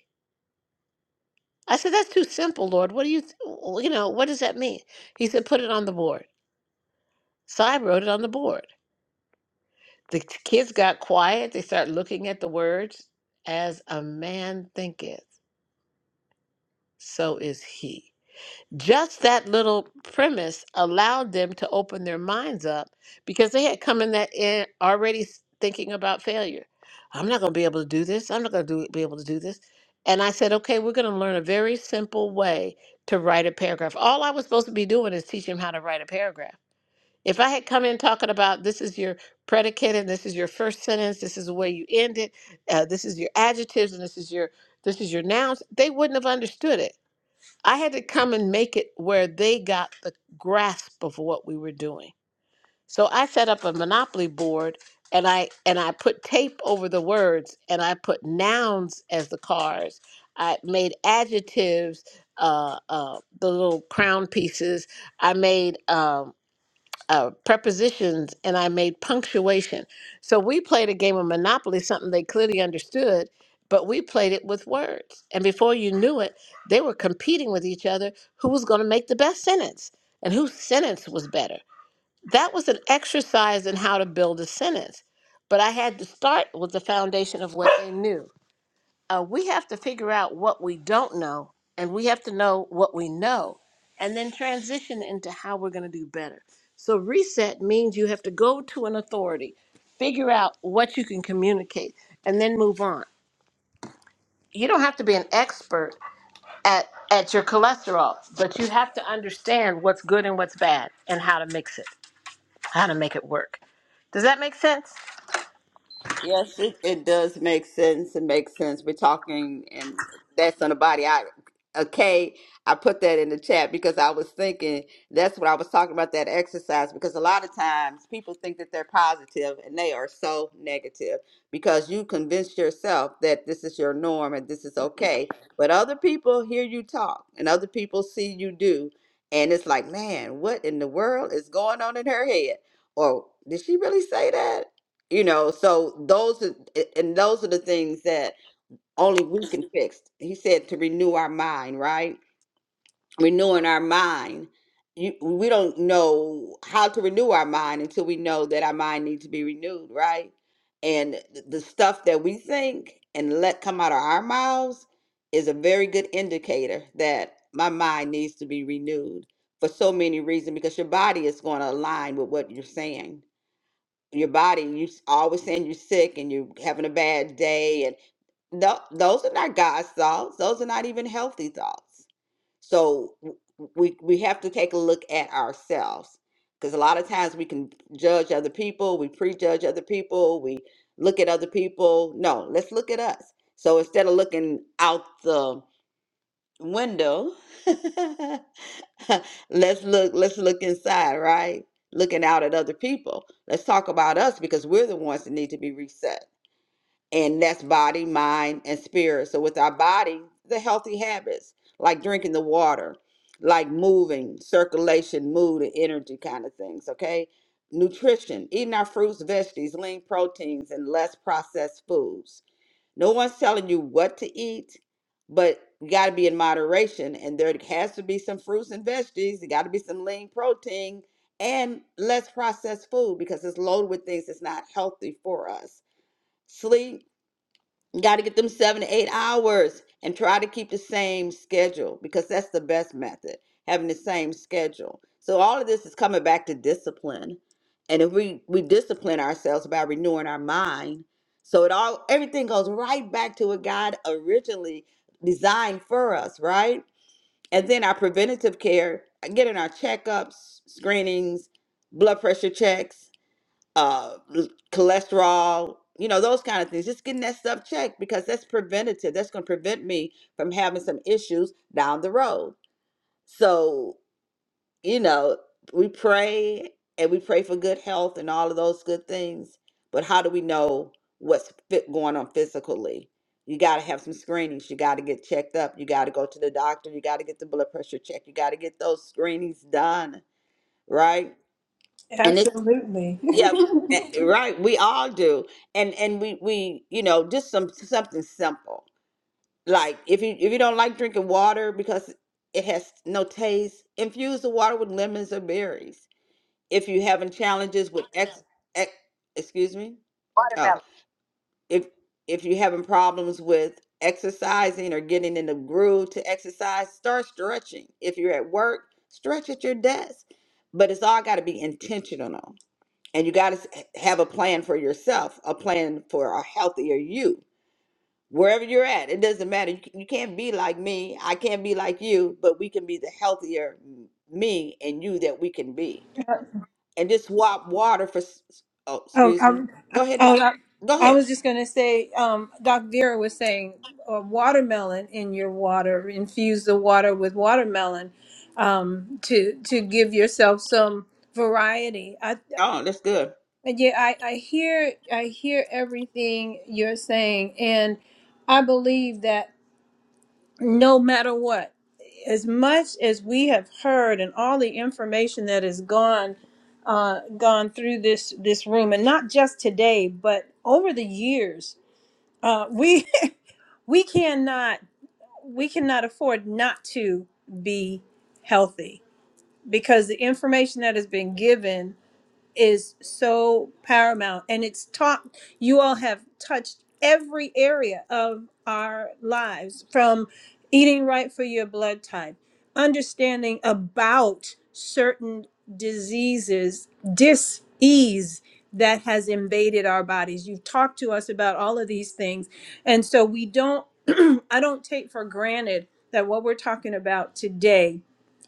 Speaker 3: I said, that's too simple, Lord. What do you, th- you know, what does that mean? He said, put it on the board. So I wrote it on the board. The t- kids got quiet. They started looking at the words. As a man thinketh, so is he. Just that little premise allowed them to open their minds up because they had come in that in already s- thinking about failure. I'm not going to be able to do this. I'm not going to do, be able to do this. And I said, okay, we're going to learn a very simple way to write a paragraph. All I was supposed to be doing is teach them how to write a paragraph. If I had come in talking about this is your predicate and this is your first sentence, this is the way you end it, uh, this is your adjectives and this is your this is your nouns, they wouldn't have understood it. I had to come and make it where they got the grasp of what we were doing. So I set up a monopoly board and I and I put tape over the words and I put nouns as the cards. I made adjectives, uh, uh, the little crown pieces. I made. Um, uh, prepositions and I made punctuation. So we played a game of Monopoly, something they clearly understood, but we played it with words. And before you knew it, they were competing with each other who was going to make the best sentence and whose sentence was better. That was an exercise in how to build a sentence. But I had to start with the foundation of what they knew uh, we have to figure out what we don't know and we have to know what we know and then transition into how we're going to do better. So, reset means you have to go to an authority, figure out what you can communicate, and then move on. You don't have to be an expert at, at your cholesterol, but you have to understand what's good and what's bad and how to mix it, how to make it work. Does that make sense?
Speaker 2: Yes, it, it does make sense. It makes sense. We're talking, and that's on the body. I okay. I put that in the chat because I was thinking that's what I was talking about that exercise. Because a lot of times people think that they're positive and they are so negative because you convinced yourself that this is your norm and this is okay. But other people hear you talk and other people see you do, and it's like, man, what in the world is going on in her head? Or did she really say that? you know so those are and those are the things that only we can fix he said to renew our mind right renewing our mind you, we don't know how to renew our mind until we know that our mind needs to be renewed right and th- the stuff that we think and let come out of our mouths is a very good indicator that my mind needs to be renewed for so many reasons because your body is going to align with what you're saying your body you s- always saying you're sick and you're having a bad day and no, those are not God's thoughts. Those are not even healthy thoughts. So w- we we have to take a look at ourselves because a lot of times we can judge other people, we prejudge other people, we look at other people. No, let's look at us. So instead of looking out the window let's look let's look inside right looking out at other people let's talk about us because we're the ones that need to be reset and that's body, mind, and spirit. So with our body, the healthy habits like drinking the water, like moving, circulation, mood, and energy kind of things. Okay, nutrition, eating our fruits, veggies, lean proteins, and less processed foods. No one's telling you what to eat, but you got to be in moderation. And there has to be some fruits and veggies. There got to be some lean protein and less processed food because it's loaded with things that's not healthy for us. Sleep Got to get them seven to eight hours and try to keep the same schedule because that's the best method, having the same schedule. So all of this is coming back to discipline. And if we, we discipline ourselves by renewing our mind, so it all everything goes right back to what God originally designed for us, right? And then our preventative care, getting our checkups, screenings, blood pressure checks, uh l- cholesterol you know those kind of things just getting that stuff checked because that's preventative that's going to prevent me from having some issues down the road so you know we pray and we pray for good health and all of those good things but how do we know what's fit going on physically you got to have some screenings you got to get checked up you got to go to the doctor you got to get the blood pressure checked you got to get those screenings done right and it's
Speaker 1: Absolutely.
Speaker 2: yeah, eh, right. We all do, and and we we you know just some something simple like if you if you don't like drinking water because it has no taste, infuse the water with lemons or berries. If you having challenges with ex, ex excuse me, oh
Speaker 3: Watermelon.
Speaker 2: if if you having problems with exercising or getting in the groove to exercise, start stretching. If you're at work, stretch at your desk. But it's all got to be intentional and you got to have a plan for yourself, a plan for a healthier you. Wherever you're at, it doesn't matter. You c- you can't be like me. I can't be like you, but we can be the healthier m- me and you that we can be. And just swap water for. s- s- Oh,
Speaker 1: Um,
Speaker 2: excuse me.
Speaker 1: I'm,
Speaker 2: Go ahead, doc.
Speaker 1: oh, I,
Speaker 2: Go
Speaker 1: I
Speaker 2: ahead.
Speaker 1: was just going to say, um, Doc Vera was saying uh, watermelon in your water, infuse the water with watermelon um, to to give yourself some variety. I,
Speaker 2: Oh, that's good.
Speaker 1: Yeah, I, I hear I hear everything you're saying, and I believe that no matter what, as much as we have heard and all the information that has gone uh, gone through this this room, and not just today, but over the years, uh, we we cannot we cannot afford not to be healthy because the information that has been given is so paramount and it's taught you all have touched every area of our lives from eating right for your blood type understanding about certain diseases dis-ease that has invaded our bodies you've talked to us about all of these things and so we don't I don't take for granted that what we're talking about today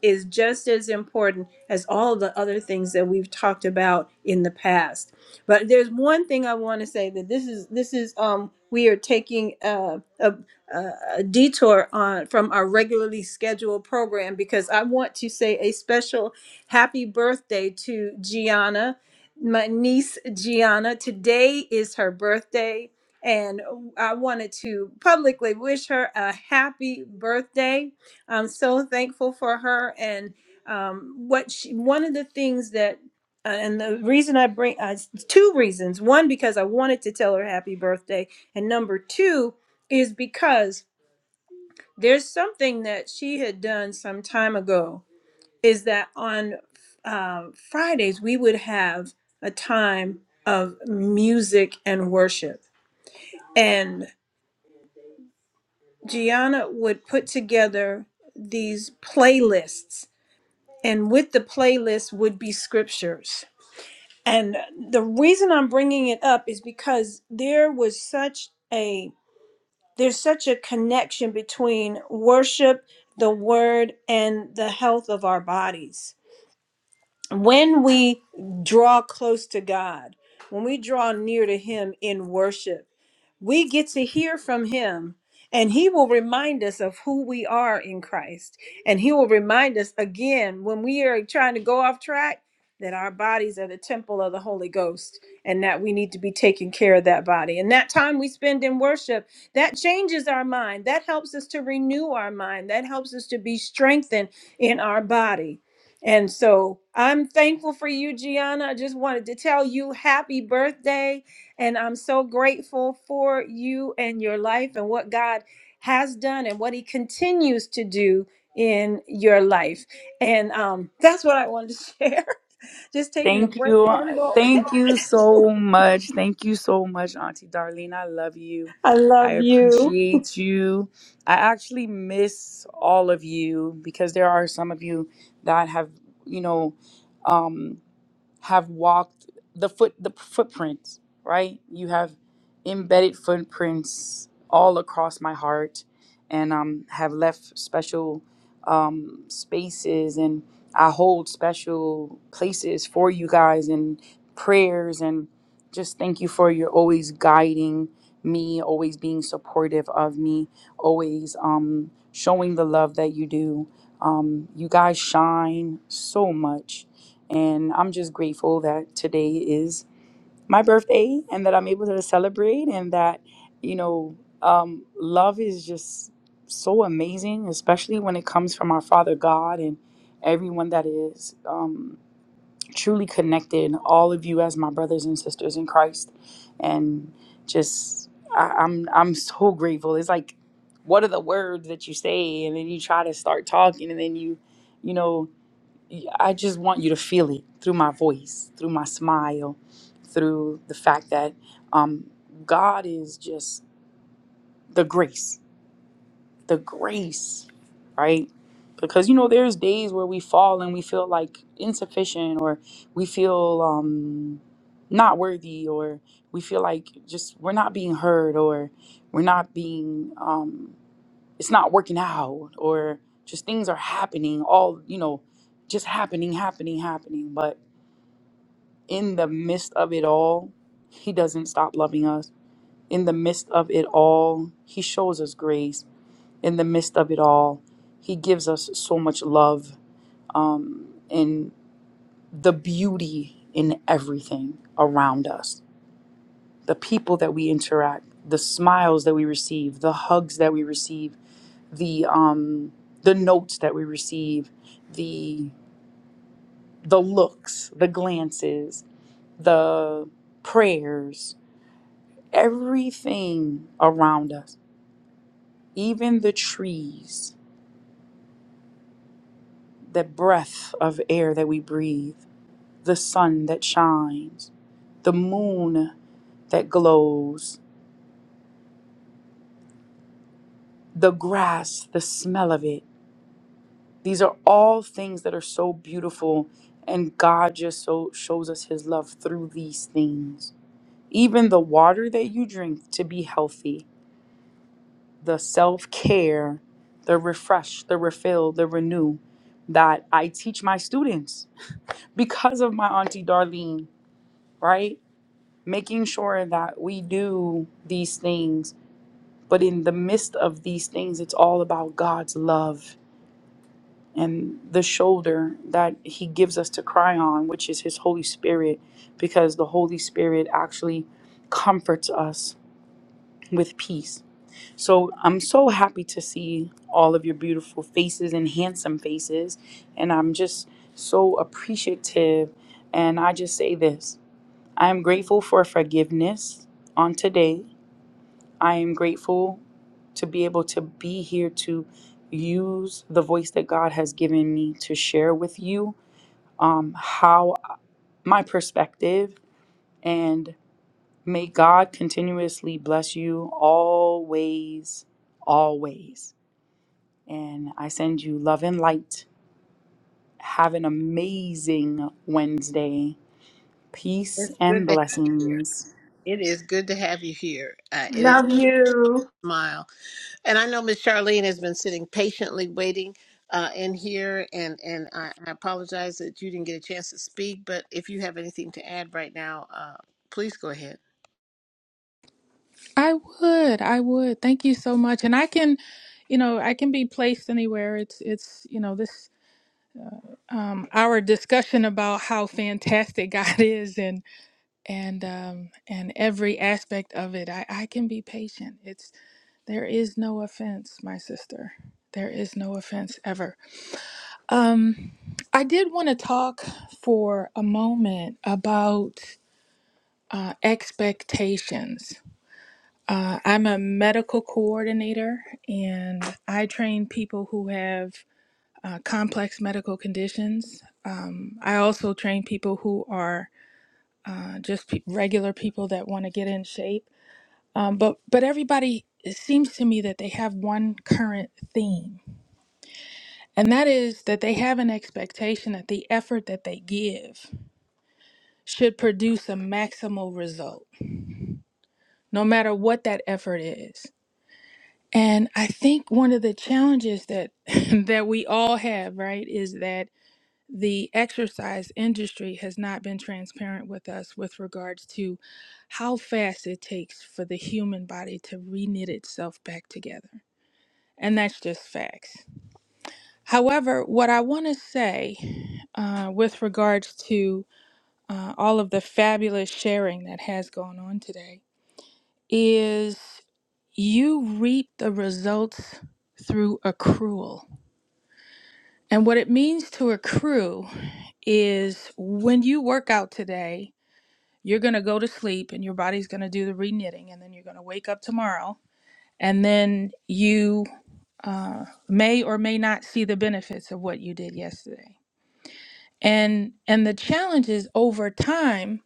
Speaker 1: is just as important as all the other things that we've talked about in the past. But there's one thing I want to say that this is this is um we are taking uh, a a, a detour on from our regularly scheduled program because I want to say a special happy birthday to Gianna, my niece Gianna. Today is her birthday. And I wanted to publicly wish her a happy birthday. I'm so thankful for her and um, what she, one of the things that, uh, and the reason I bring, uh, two reasons. One, because I wanted to tell her happy birthday. And number two is because there's something that she had done some time ago is that on uh, Fridays we would have a time of music and worship. And Gianna would put together these playlists, and with the playlist would be scriptures. And the reason I'm bringing it up is because there was such a there's such a connection between worship, the word, and the health of our bodies. When we draw close to God, when we draw near to Him in worship, we get to hear from him and he will remind us of who we are in Christ. And he will remind us again when we are trying to go off track that our bodies are the temple of the Holy Ghost and that we need to be taking care of that body. And that time we spend in worship, that changes our mind. That helps us to renew our mind. That helps us to be strengthened in our body. And so I'm thankful for you, Gianna. I just wanted to tell you happy birthday and I'm so grateful for you and your life and what God has done and what He continues to do in your life. And um, that's what I wanted to share. Just taking a
Speaker 4: Thank
Speaker 1: break
Speaker 4: you.
Speaker 1: for a moment.
Speaker 4: Thank you so much. Thank you so much, Auntie Darlene. I love you.
Speaker 1: I
Speaker 4: I
Speaker 1: love you.
Speaker 4: appreciate you. I actually miss all of you because there are some of you that have, you know, um, have walked the foot the footprints right you have embedded footprints all across my heart and um, have left special um, spaces and i hold special places for you guys and prayers and just thank you for your always guiding me always being supportive of me always um, showing the love that you do um, you guys shine so much and I'm just grateful that today is my birthday and that I'm able to celebrate and that, you know, um, love is just so amazing, especially when it comes from our Father God and everyone that is um, truly connected, all of you as my brothers and sisters in Christ. And just, I, I'm, I'm so grateful. It's like, what are the words that you say? And then you try to start talking and then you, you know, yeah, I just want you to feel it through my voice, through my smile, through the fact that um, God is just the grace, the grace, right? Because you know, there's days where we fall and we feel like insufficient, or we feel um, not worthy, or we feel like just we're not being heard, or we're not being, um, it's not working out, or just things are happening all, you know, just happening, happening, happening. But in the midst of it all, He doesn't stop loving us. In the midst of it all, He shows us grace. In the midst of it all, He gives us so much love um, and the beauty in everything around us the people that we interact, the smiles that we receive, the hugs that we receive, the, um, the notes that we receive, the, the looks, the glances, the prayers, Everything around us, even the trees, the breath of air that we breathe, the sun that shines, the moon that glows, the grass, the smell of it. These are all things that are so beautiful, and God just so shows us His love through these things. Even the water that you drink to be healthy, the self care, the refresh, the refill, the renew that I teach my students because of my Auntie Darlene, right? Making sure that we do these things, but in the midst of these things, it's all about God's love and the shoulder that He gives us to cry on, which is His Holy Spirit, because the Holy Spirit actually comforts us with peace So I'm so happy to see all of your beautiful faces and handsome faces. And I'm just so appreciative. And I just say this I am grateful for forgiveness on today. I am grateful to be able to be here to use the voice that God has given me to share with you um, how my perspective and may God continuously bless you always, always. And I send you love and light. Have an amazing Wednesday. Peace
Speaker 3: It's
Speaker 4: and
Speaker 3: good to have you here.
Speaker 4: blessings.
Speaker 3: It is good to have you here. Uh, it is a smile. And I know Miss Charlene has been sitting patiently waiting uh, in here, and and I, I apologize that you didn't get a chance to speak. But if you have anything to add right now, uh, please go ahead.
Speaker 5: I would. I would. Thank you so much. And I can, you know, I can be placed anywhere. It's it's, you know, this um our discussion about how fantastic God is and and um and every aspect of it. I I can be patient. It's there is no offense, my sister. There is no offense ever. Um I did want to talk for a moment about uh expectations Uh, I'm a medical coordinator and I train people who have uh, complex medical conditions. Um, I also train people who are uh, just pe- regular people that want to get in shape. Um, but, but everybody, it seems to me that they have one current theme, and that is that they have an expectation that the effort that they give should produce a maximal result, no matter what that effort is. And I think one of the challenges that that we all have, right, is that the exercise industry has not been transparent with us with regards to how fast it takes for the human body to reknit itself back together. And that's just facts. However, what I want to say uh, with regards to uh, all of the fabulous sharing that has gone on today is you reap the results through accrual. And what it means to accrue is when you work out today, you're going to go to sleep and your body's going to do the re knitting, and then you're going to wake up tomorrow. And then you uh, may or may not see the benefits of what you did yesterday. And, and the challenge is over time,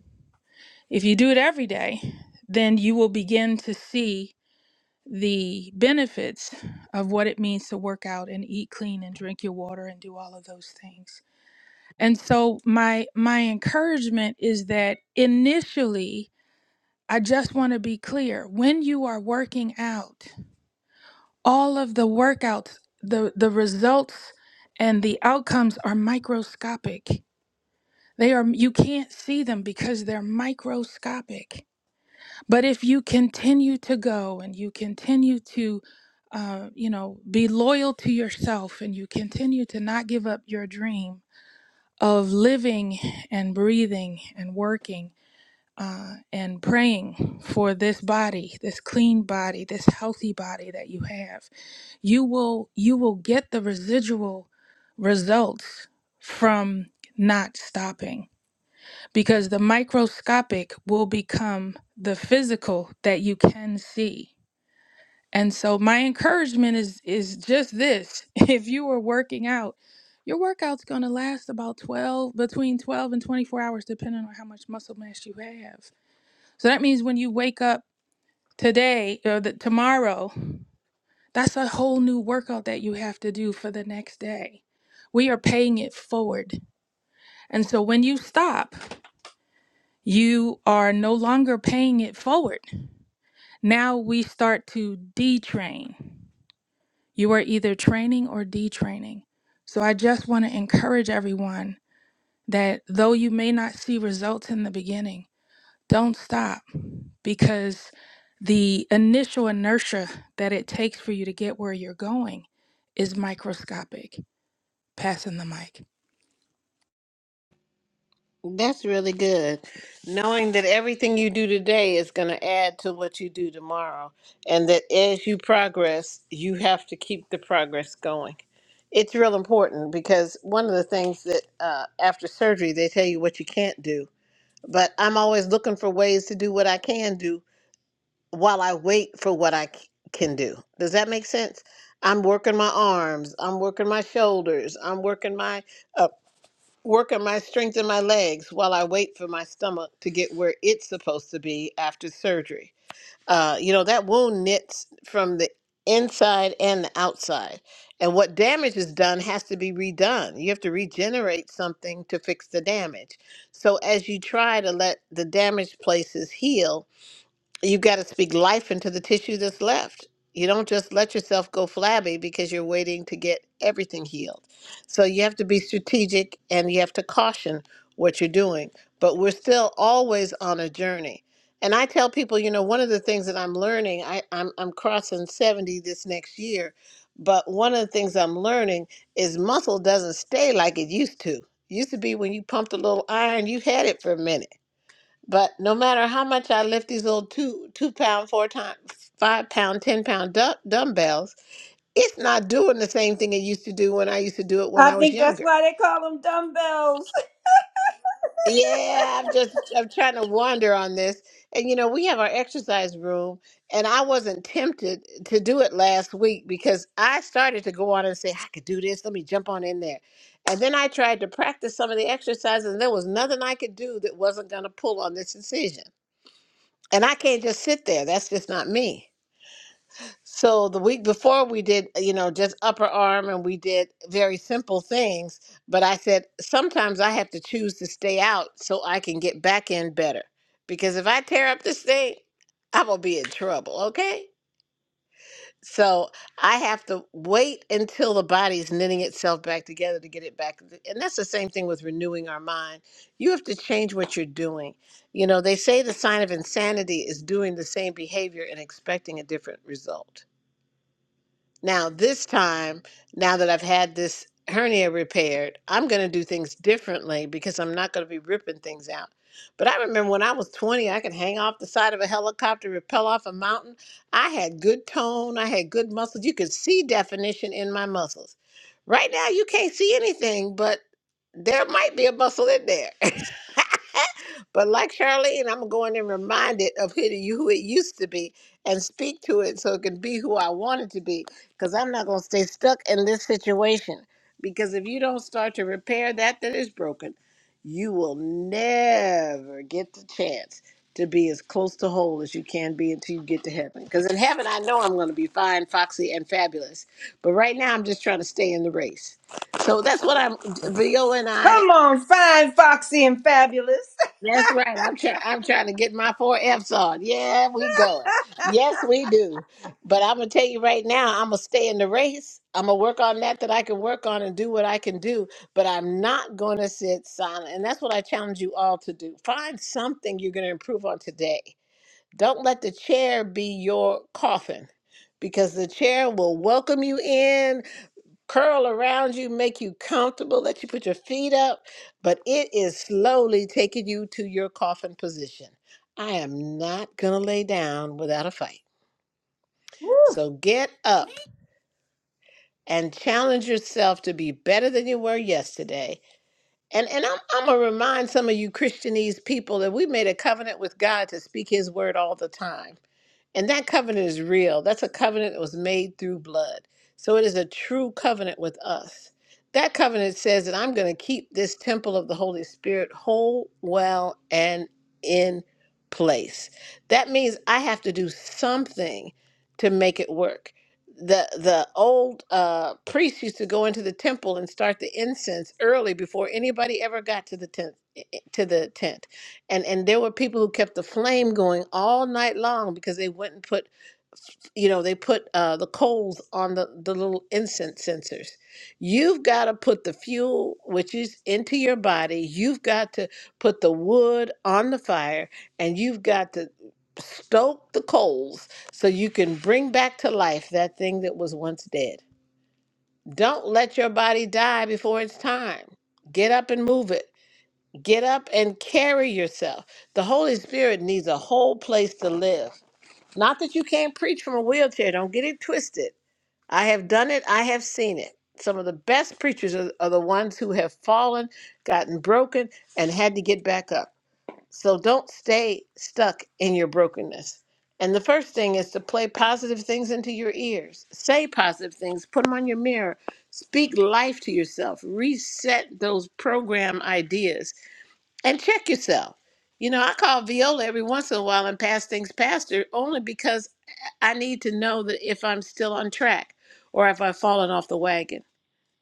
Speaker 5: if you do it every day, then you will begin to see the benefits of what it means to work out and eat clean and drink your water and do all of those things. And so my my encouragement is that initially I just want to be clear when you are working out all of the workouts the the results and the outcomes are microscopic. They are you can't see them because they're microscopic. But if you continue to go and you continue to uh, you know be loyal to yourself and you continue to not give up your dream of living and breathing and working uh, and praying for this body, this clean body, this healthy body that you have, you will you will get the residual results from not stopping because the microscopic will become the physical that you can see and so my encouragement is is just this. If you are working out, your workout's going to last about 12 between 12 and 24 hours depending on how much muscle mass you have. So that means when you wake up today or the, tomorrow, that's a whole new workout that you have to do for the next day. We are paying it forward. And so when you stop, you are no longer paying it forward. Now we start to detrain. You are either training or detraining. So I just want to encourage everyone that though you may not see results in the beginning, don't stop because the initial inertia that it takes for you to get where you're going is microscopic. Passing the mic.
Speaker 3: That's really good. Knowing that everything you do today is going to add to what you do tomorrow, and that as you progress, you have to keep the progress going. It's real important because one of the things that uh, after surgery they tell you what you can't do, but I'm always looking for ways to do what I can do while I wait for what I c- can do. Does that make sense? I'm working my arms, I'm working my shoulders, I'm working my uh, working my strength in my legs while I wait for my stomach to get where it's supposed to be after surgery. Uh, you know, that wound knits from the inside and the outside. And what damage is done has to be redone. You have to regenerate something to fix the damage. So as you try to let the damaged places heal, you got to speak life into the tissue that's left. You don't just let yourself go flabby because you're waiting to get everything healed. So you have to be strategic and you have to caution what you're doing. But we're still always on a journey. And I tell people, you know, one of the things that I'm learning, I, I'm, I'm crossing 70 this next year, but one of the things I'm learning is muscle doesn't stay like it used to. Used to be when you pumped a little iron, you had it for a minute but no matter how much I lift these little two two pound, four time, five pound, ten pound du- dumbbells, it's not doing the same thing it used to do when I used to do it when
Speaker 1: I
Speaker 3: I was
Speaker 1: think that's
Speaker 3: younger.
Speaker 1: why they call them dumbbells.
Speaker 3: Yeah, I'm just I'm trying to wander on this. And you know, we have our exercise room, and I wasn't tempted to do it last week because I started to go on and say I could do this. Let me jump on in there. And then I tried to practice some of the exercises, and there was nothing I could do that wasn't going to pull on this incision. And I can't just sit there. That's just not me. So the week before we did, you know, just upper arm and we did very simple things, but I said sometimes I have to choose to stay out so I can get back in better. Because if I tear up this thing, I'm going to be in trouble, okay? So I have to wait until the body is knitting itself back together to get it back. And that's the same thing with renewing our mind. You have to change what you're doing. You know, they say the sign of insanity is doing the same behavior and expecting a different result. Now, this time, now that I've had this hernia repaired, I'm going to do things differently because I'm not going to be ripping things out. But I remember when I was 20, I could hang off the side of a helicopter, rappel off a mountain. I had good tone, I had good muscles. You could see definition in my muscles. Right now, you can't see anything, but there might be a muscle in there. But like Charlene, I'm going and remind it of who it who it used to be and speak to it so it can be who I want it to be. Because I'm not going to stay stuck in this situation. Because if you don't start to repair that that is broken, you will never get the chance to be as close to whole as you can be until you get to heaven. Because in heaven, I know I'm going to be fine, foxy, and fabulous. But right now, I'm just trying to stay in the race. So that's what I'm. Vio and I
Speaker 1: Come on, fine, foxy, and fabulous.
Speaker 3: that's right. I'm trying. I'm trying to get my four Fs on. Yeah, we go. Yes, we do. But I'm gonna tell you right now. I'm gonna stay in the race. I'm gonna work on that that I can work on and do what I can do. But I'm not gonna sit silent. And that's what I challenge you all to do. Find something you're gonna improve on today. Don't let the chair be your coffin. Because the chair will welcome you in curl around you, make you comfortable, let you put your feet up, but it is slowly taking you to your coffin position. I am not going to lay down without a fight. So get up and challenge yourself to be better than you were yesterday. And and I'm I'm gonna remind some of you Christianese people that we made a covenant with God to speak his word all the time. And that covenant is real. That's a covenant that was made through blood. So it is a true covenant with us. That covenant says that I'm going to keep this temple of the Holy Spirit whole, well, and in place. That means I have to do something to make it work. The the old uh, priests used to go into the temple and start the incense early before anybody ever got to the tent eh, eh, to the tent and and there were people who kept the flame going all night long because they wouldn't put you know they put uh, the coals on the the little incense sensors you've got to put the fuel which is into your body you've got to put the wood on the fire and you've got to stoke the coals so you can bring back to life that thing that was once dead don't let your body die before it's time get up and move it Get up and carry yourself. The Holy Spirit needs a whole place to live. Not that you can't preach from a wheelchair, don't get it twisted. I have done it, I have seen it. Some of the best preachers are, are the ones who have fallen, gotten broken, and had to get back up. So don't stay stuck in your brokenness. And the first thing is to play positive things into your ears. Say positive things, put them on your mirror, speak life to yourself, reset those program ideas and check yourself. You know, I call Viola every once in a while and pass things past her only because I need to know that if I'm still on track or if I've fallen off the wagon.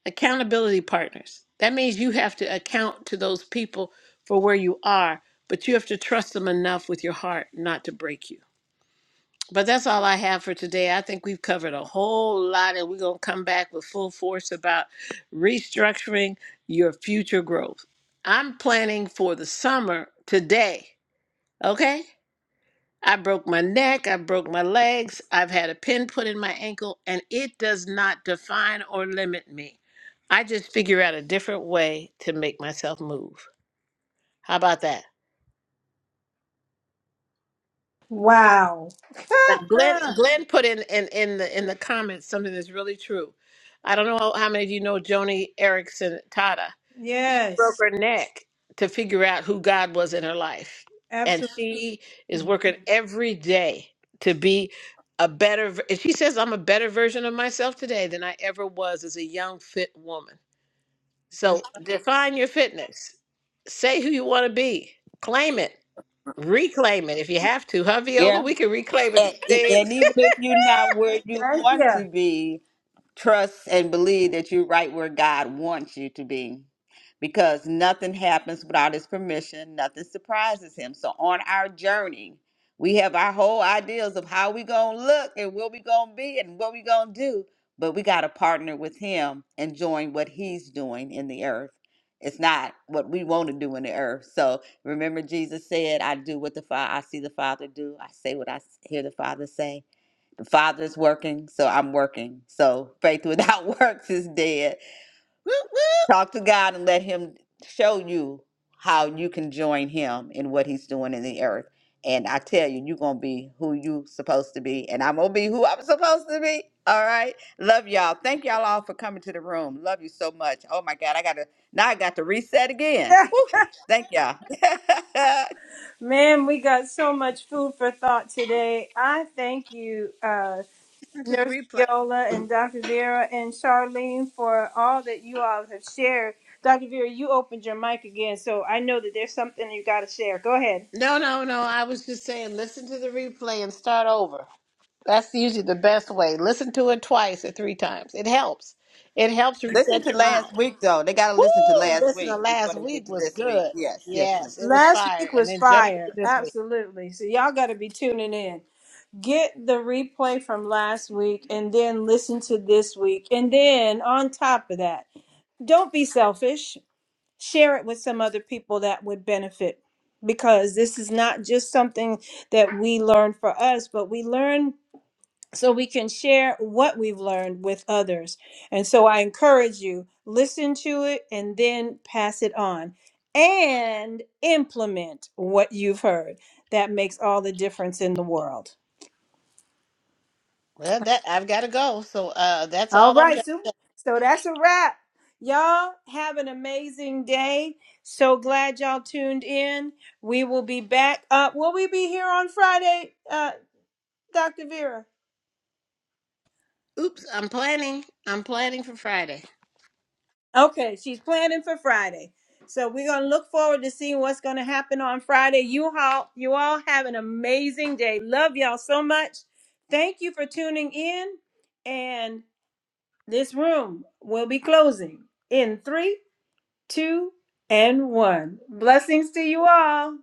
Speaker 3: Accountability partners. That means you have to account to those people for where you are, but you have to trust them enough with your heart not to break you. But that's all I have for today. I think we've covered a whole lot, and we're going to come back with full force about restructuring your future growth. I'm planning for the summer today, okay? I broke my neck, I broke my legs, I've had a pin put in my ankle, and it does not define or limit me. I just figure out a different way to make myself move. How about that?
Speaker 1: Wow.
Speaker 3: Now, Glenn, Glenn put in, in in the in the comments something that's really true. I don't know how how many of you know Joni Erickson Tata broke
Speaker 1: yes,
Speaker 3: her neck to figure out who God was in her life, and
Speaker 1: absolutely.
Speaker 3: she is working every day to be a better. ver- And she says, "I'm a better version of myself today than I ever was as a young fit woman." So define your fitness. Say who you want to be. Claim it. Reclaim it if you have to. Huh, Viola?
Speaker 2: Yeah.
Speaker 3: We can reclaim a few
Speaker 2: And, e, and
Speaker 3: things.
Speaker 2: even if you're not where you
Speaker 1: Thank
Speaker 2: want
Speaker 1: you.
Speaker 2: to be, Trust and believe that you're right where God wants you to be because nothing happens without his permission, nothing surprises him. So on our journey, we have our whole ideas of how we going to look and where we going to be and what we going to do, but we got to partner with him and join what he's doing in the earth. It's not what we want to do in the earth. So remember Jesus said, I do what the Father I see the Father do. I say what I s- hear the Father say. The Father's working, so I'm working. So faith without works is dead.
Speaker 3: Woo, woo.
Speaker 2: Talk to God and let Him show you how you can join Him in what He's doing in the earth. And I tell you, you're gonna be who you supposed to be, and I'm gonna be who I'm supposed to be. All right. Love y'all. Thank y'all all for coming to the room. Love you so much. Oh my God, I gotta now I got to reset again. Woo! Thank y'all.
Speaker 1: Man, we got so much food for thought today. I thank you, uh,
Speaker 3: Listen to the
Speaker 1: Nurse
Speaker 3: replay.
Speaker 1: Viola and Dr. Vera and Charlene for all that you all have shared. Dr. Vera, you opened your mic again, so I know that there's something you got to share. Go ahead.
Speaker 3: No, no, no. I was just saying, listen to the replay and start over. That's usually the best way. Listen to it twice or three times. It helps. It helps
Speaker 2: listen
Speaker 3: reset
Speaker 2: to
Speaker 3: your
Speaker 2: last
Speaker 3: mind.
Speaker 2: week though. They gotta listen to
Speaker 3: Woo!
Speaker 2: last
Speaker 3: Listen to
Speaker 2: week before
Speaker 3: last
Speaker 2: they get
Speaker 3: week
Speaker 2: to
Speaker 3: was
Speaker 2: this week.
Speaker 3: good.
Speaker 2: Yes, yes,
Speaker 3: Yes,
Speaker 2: yes.
Speaker 3: it was
Speaker 1: Last
Speaker 3: fire.
Speaker 1: week
Speaker 3: And
Speaker 1: was
Speaker 3: then jump into
Speaker 1: fire.
Speaker 3: this week.
Speaker 1: Absolutely. So y'all got to be tuning in. Get the replay from last week and then listen to this week. And then on top of that, don't be selfish. share it with some other people that would benefit because this is not just something that we learn for us, but we learn so we can share what we've learned with others. And so I encourage you, listen to it and then pass it on and implement what you've heard. That makes all the difference in the world.
Speaker 3: Well, that I've got to go. So uh, that's
Speaker 1: All
Speaker 3: all I'm.
Speaker 1: right,
Speaker 3: Got.
Speaker 1: so so that's a wrap. Y'all have an amazing day. So glad y'all tuned in. We will be back. Uh, will we be here on Friday, uh, Dr. Vera?
Speaker 3: Oops, I'm planning. I'm planning for Friday.
Speaker 1: Okay, she's planning for Friday. So we're gonna look forward to seeing what's gonna happen on Friday. You all, you all have an amazing day. Love y'all so much. Thank you for tuning in. And this room will be closing in three, two, and one. Blessings to you all.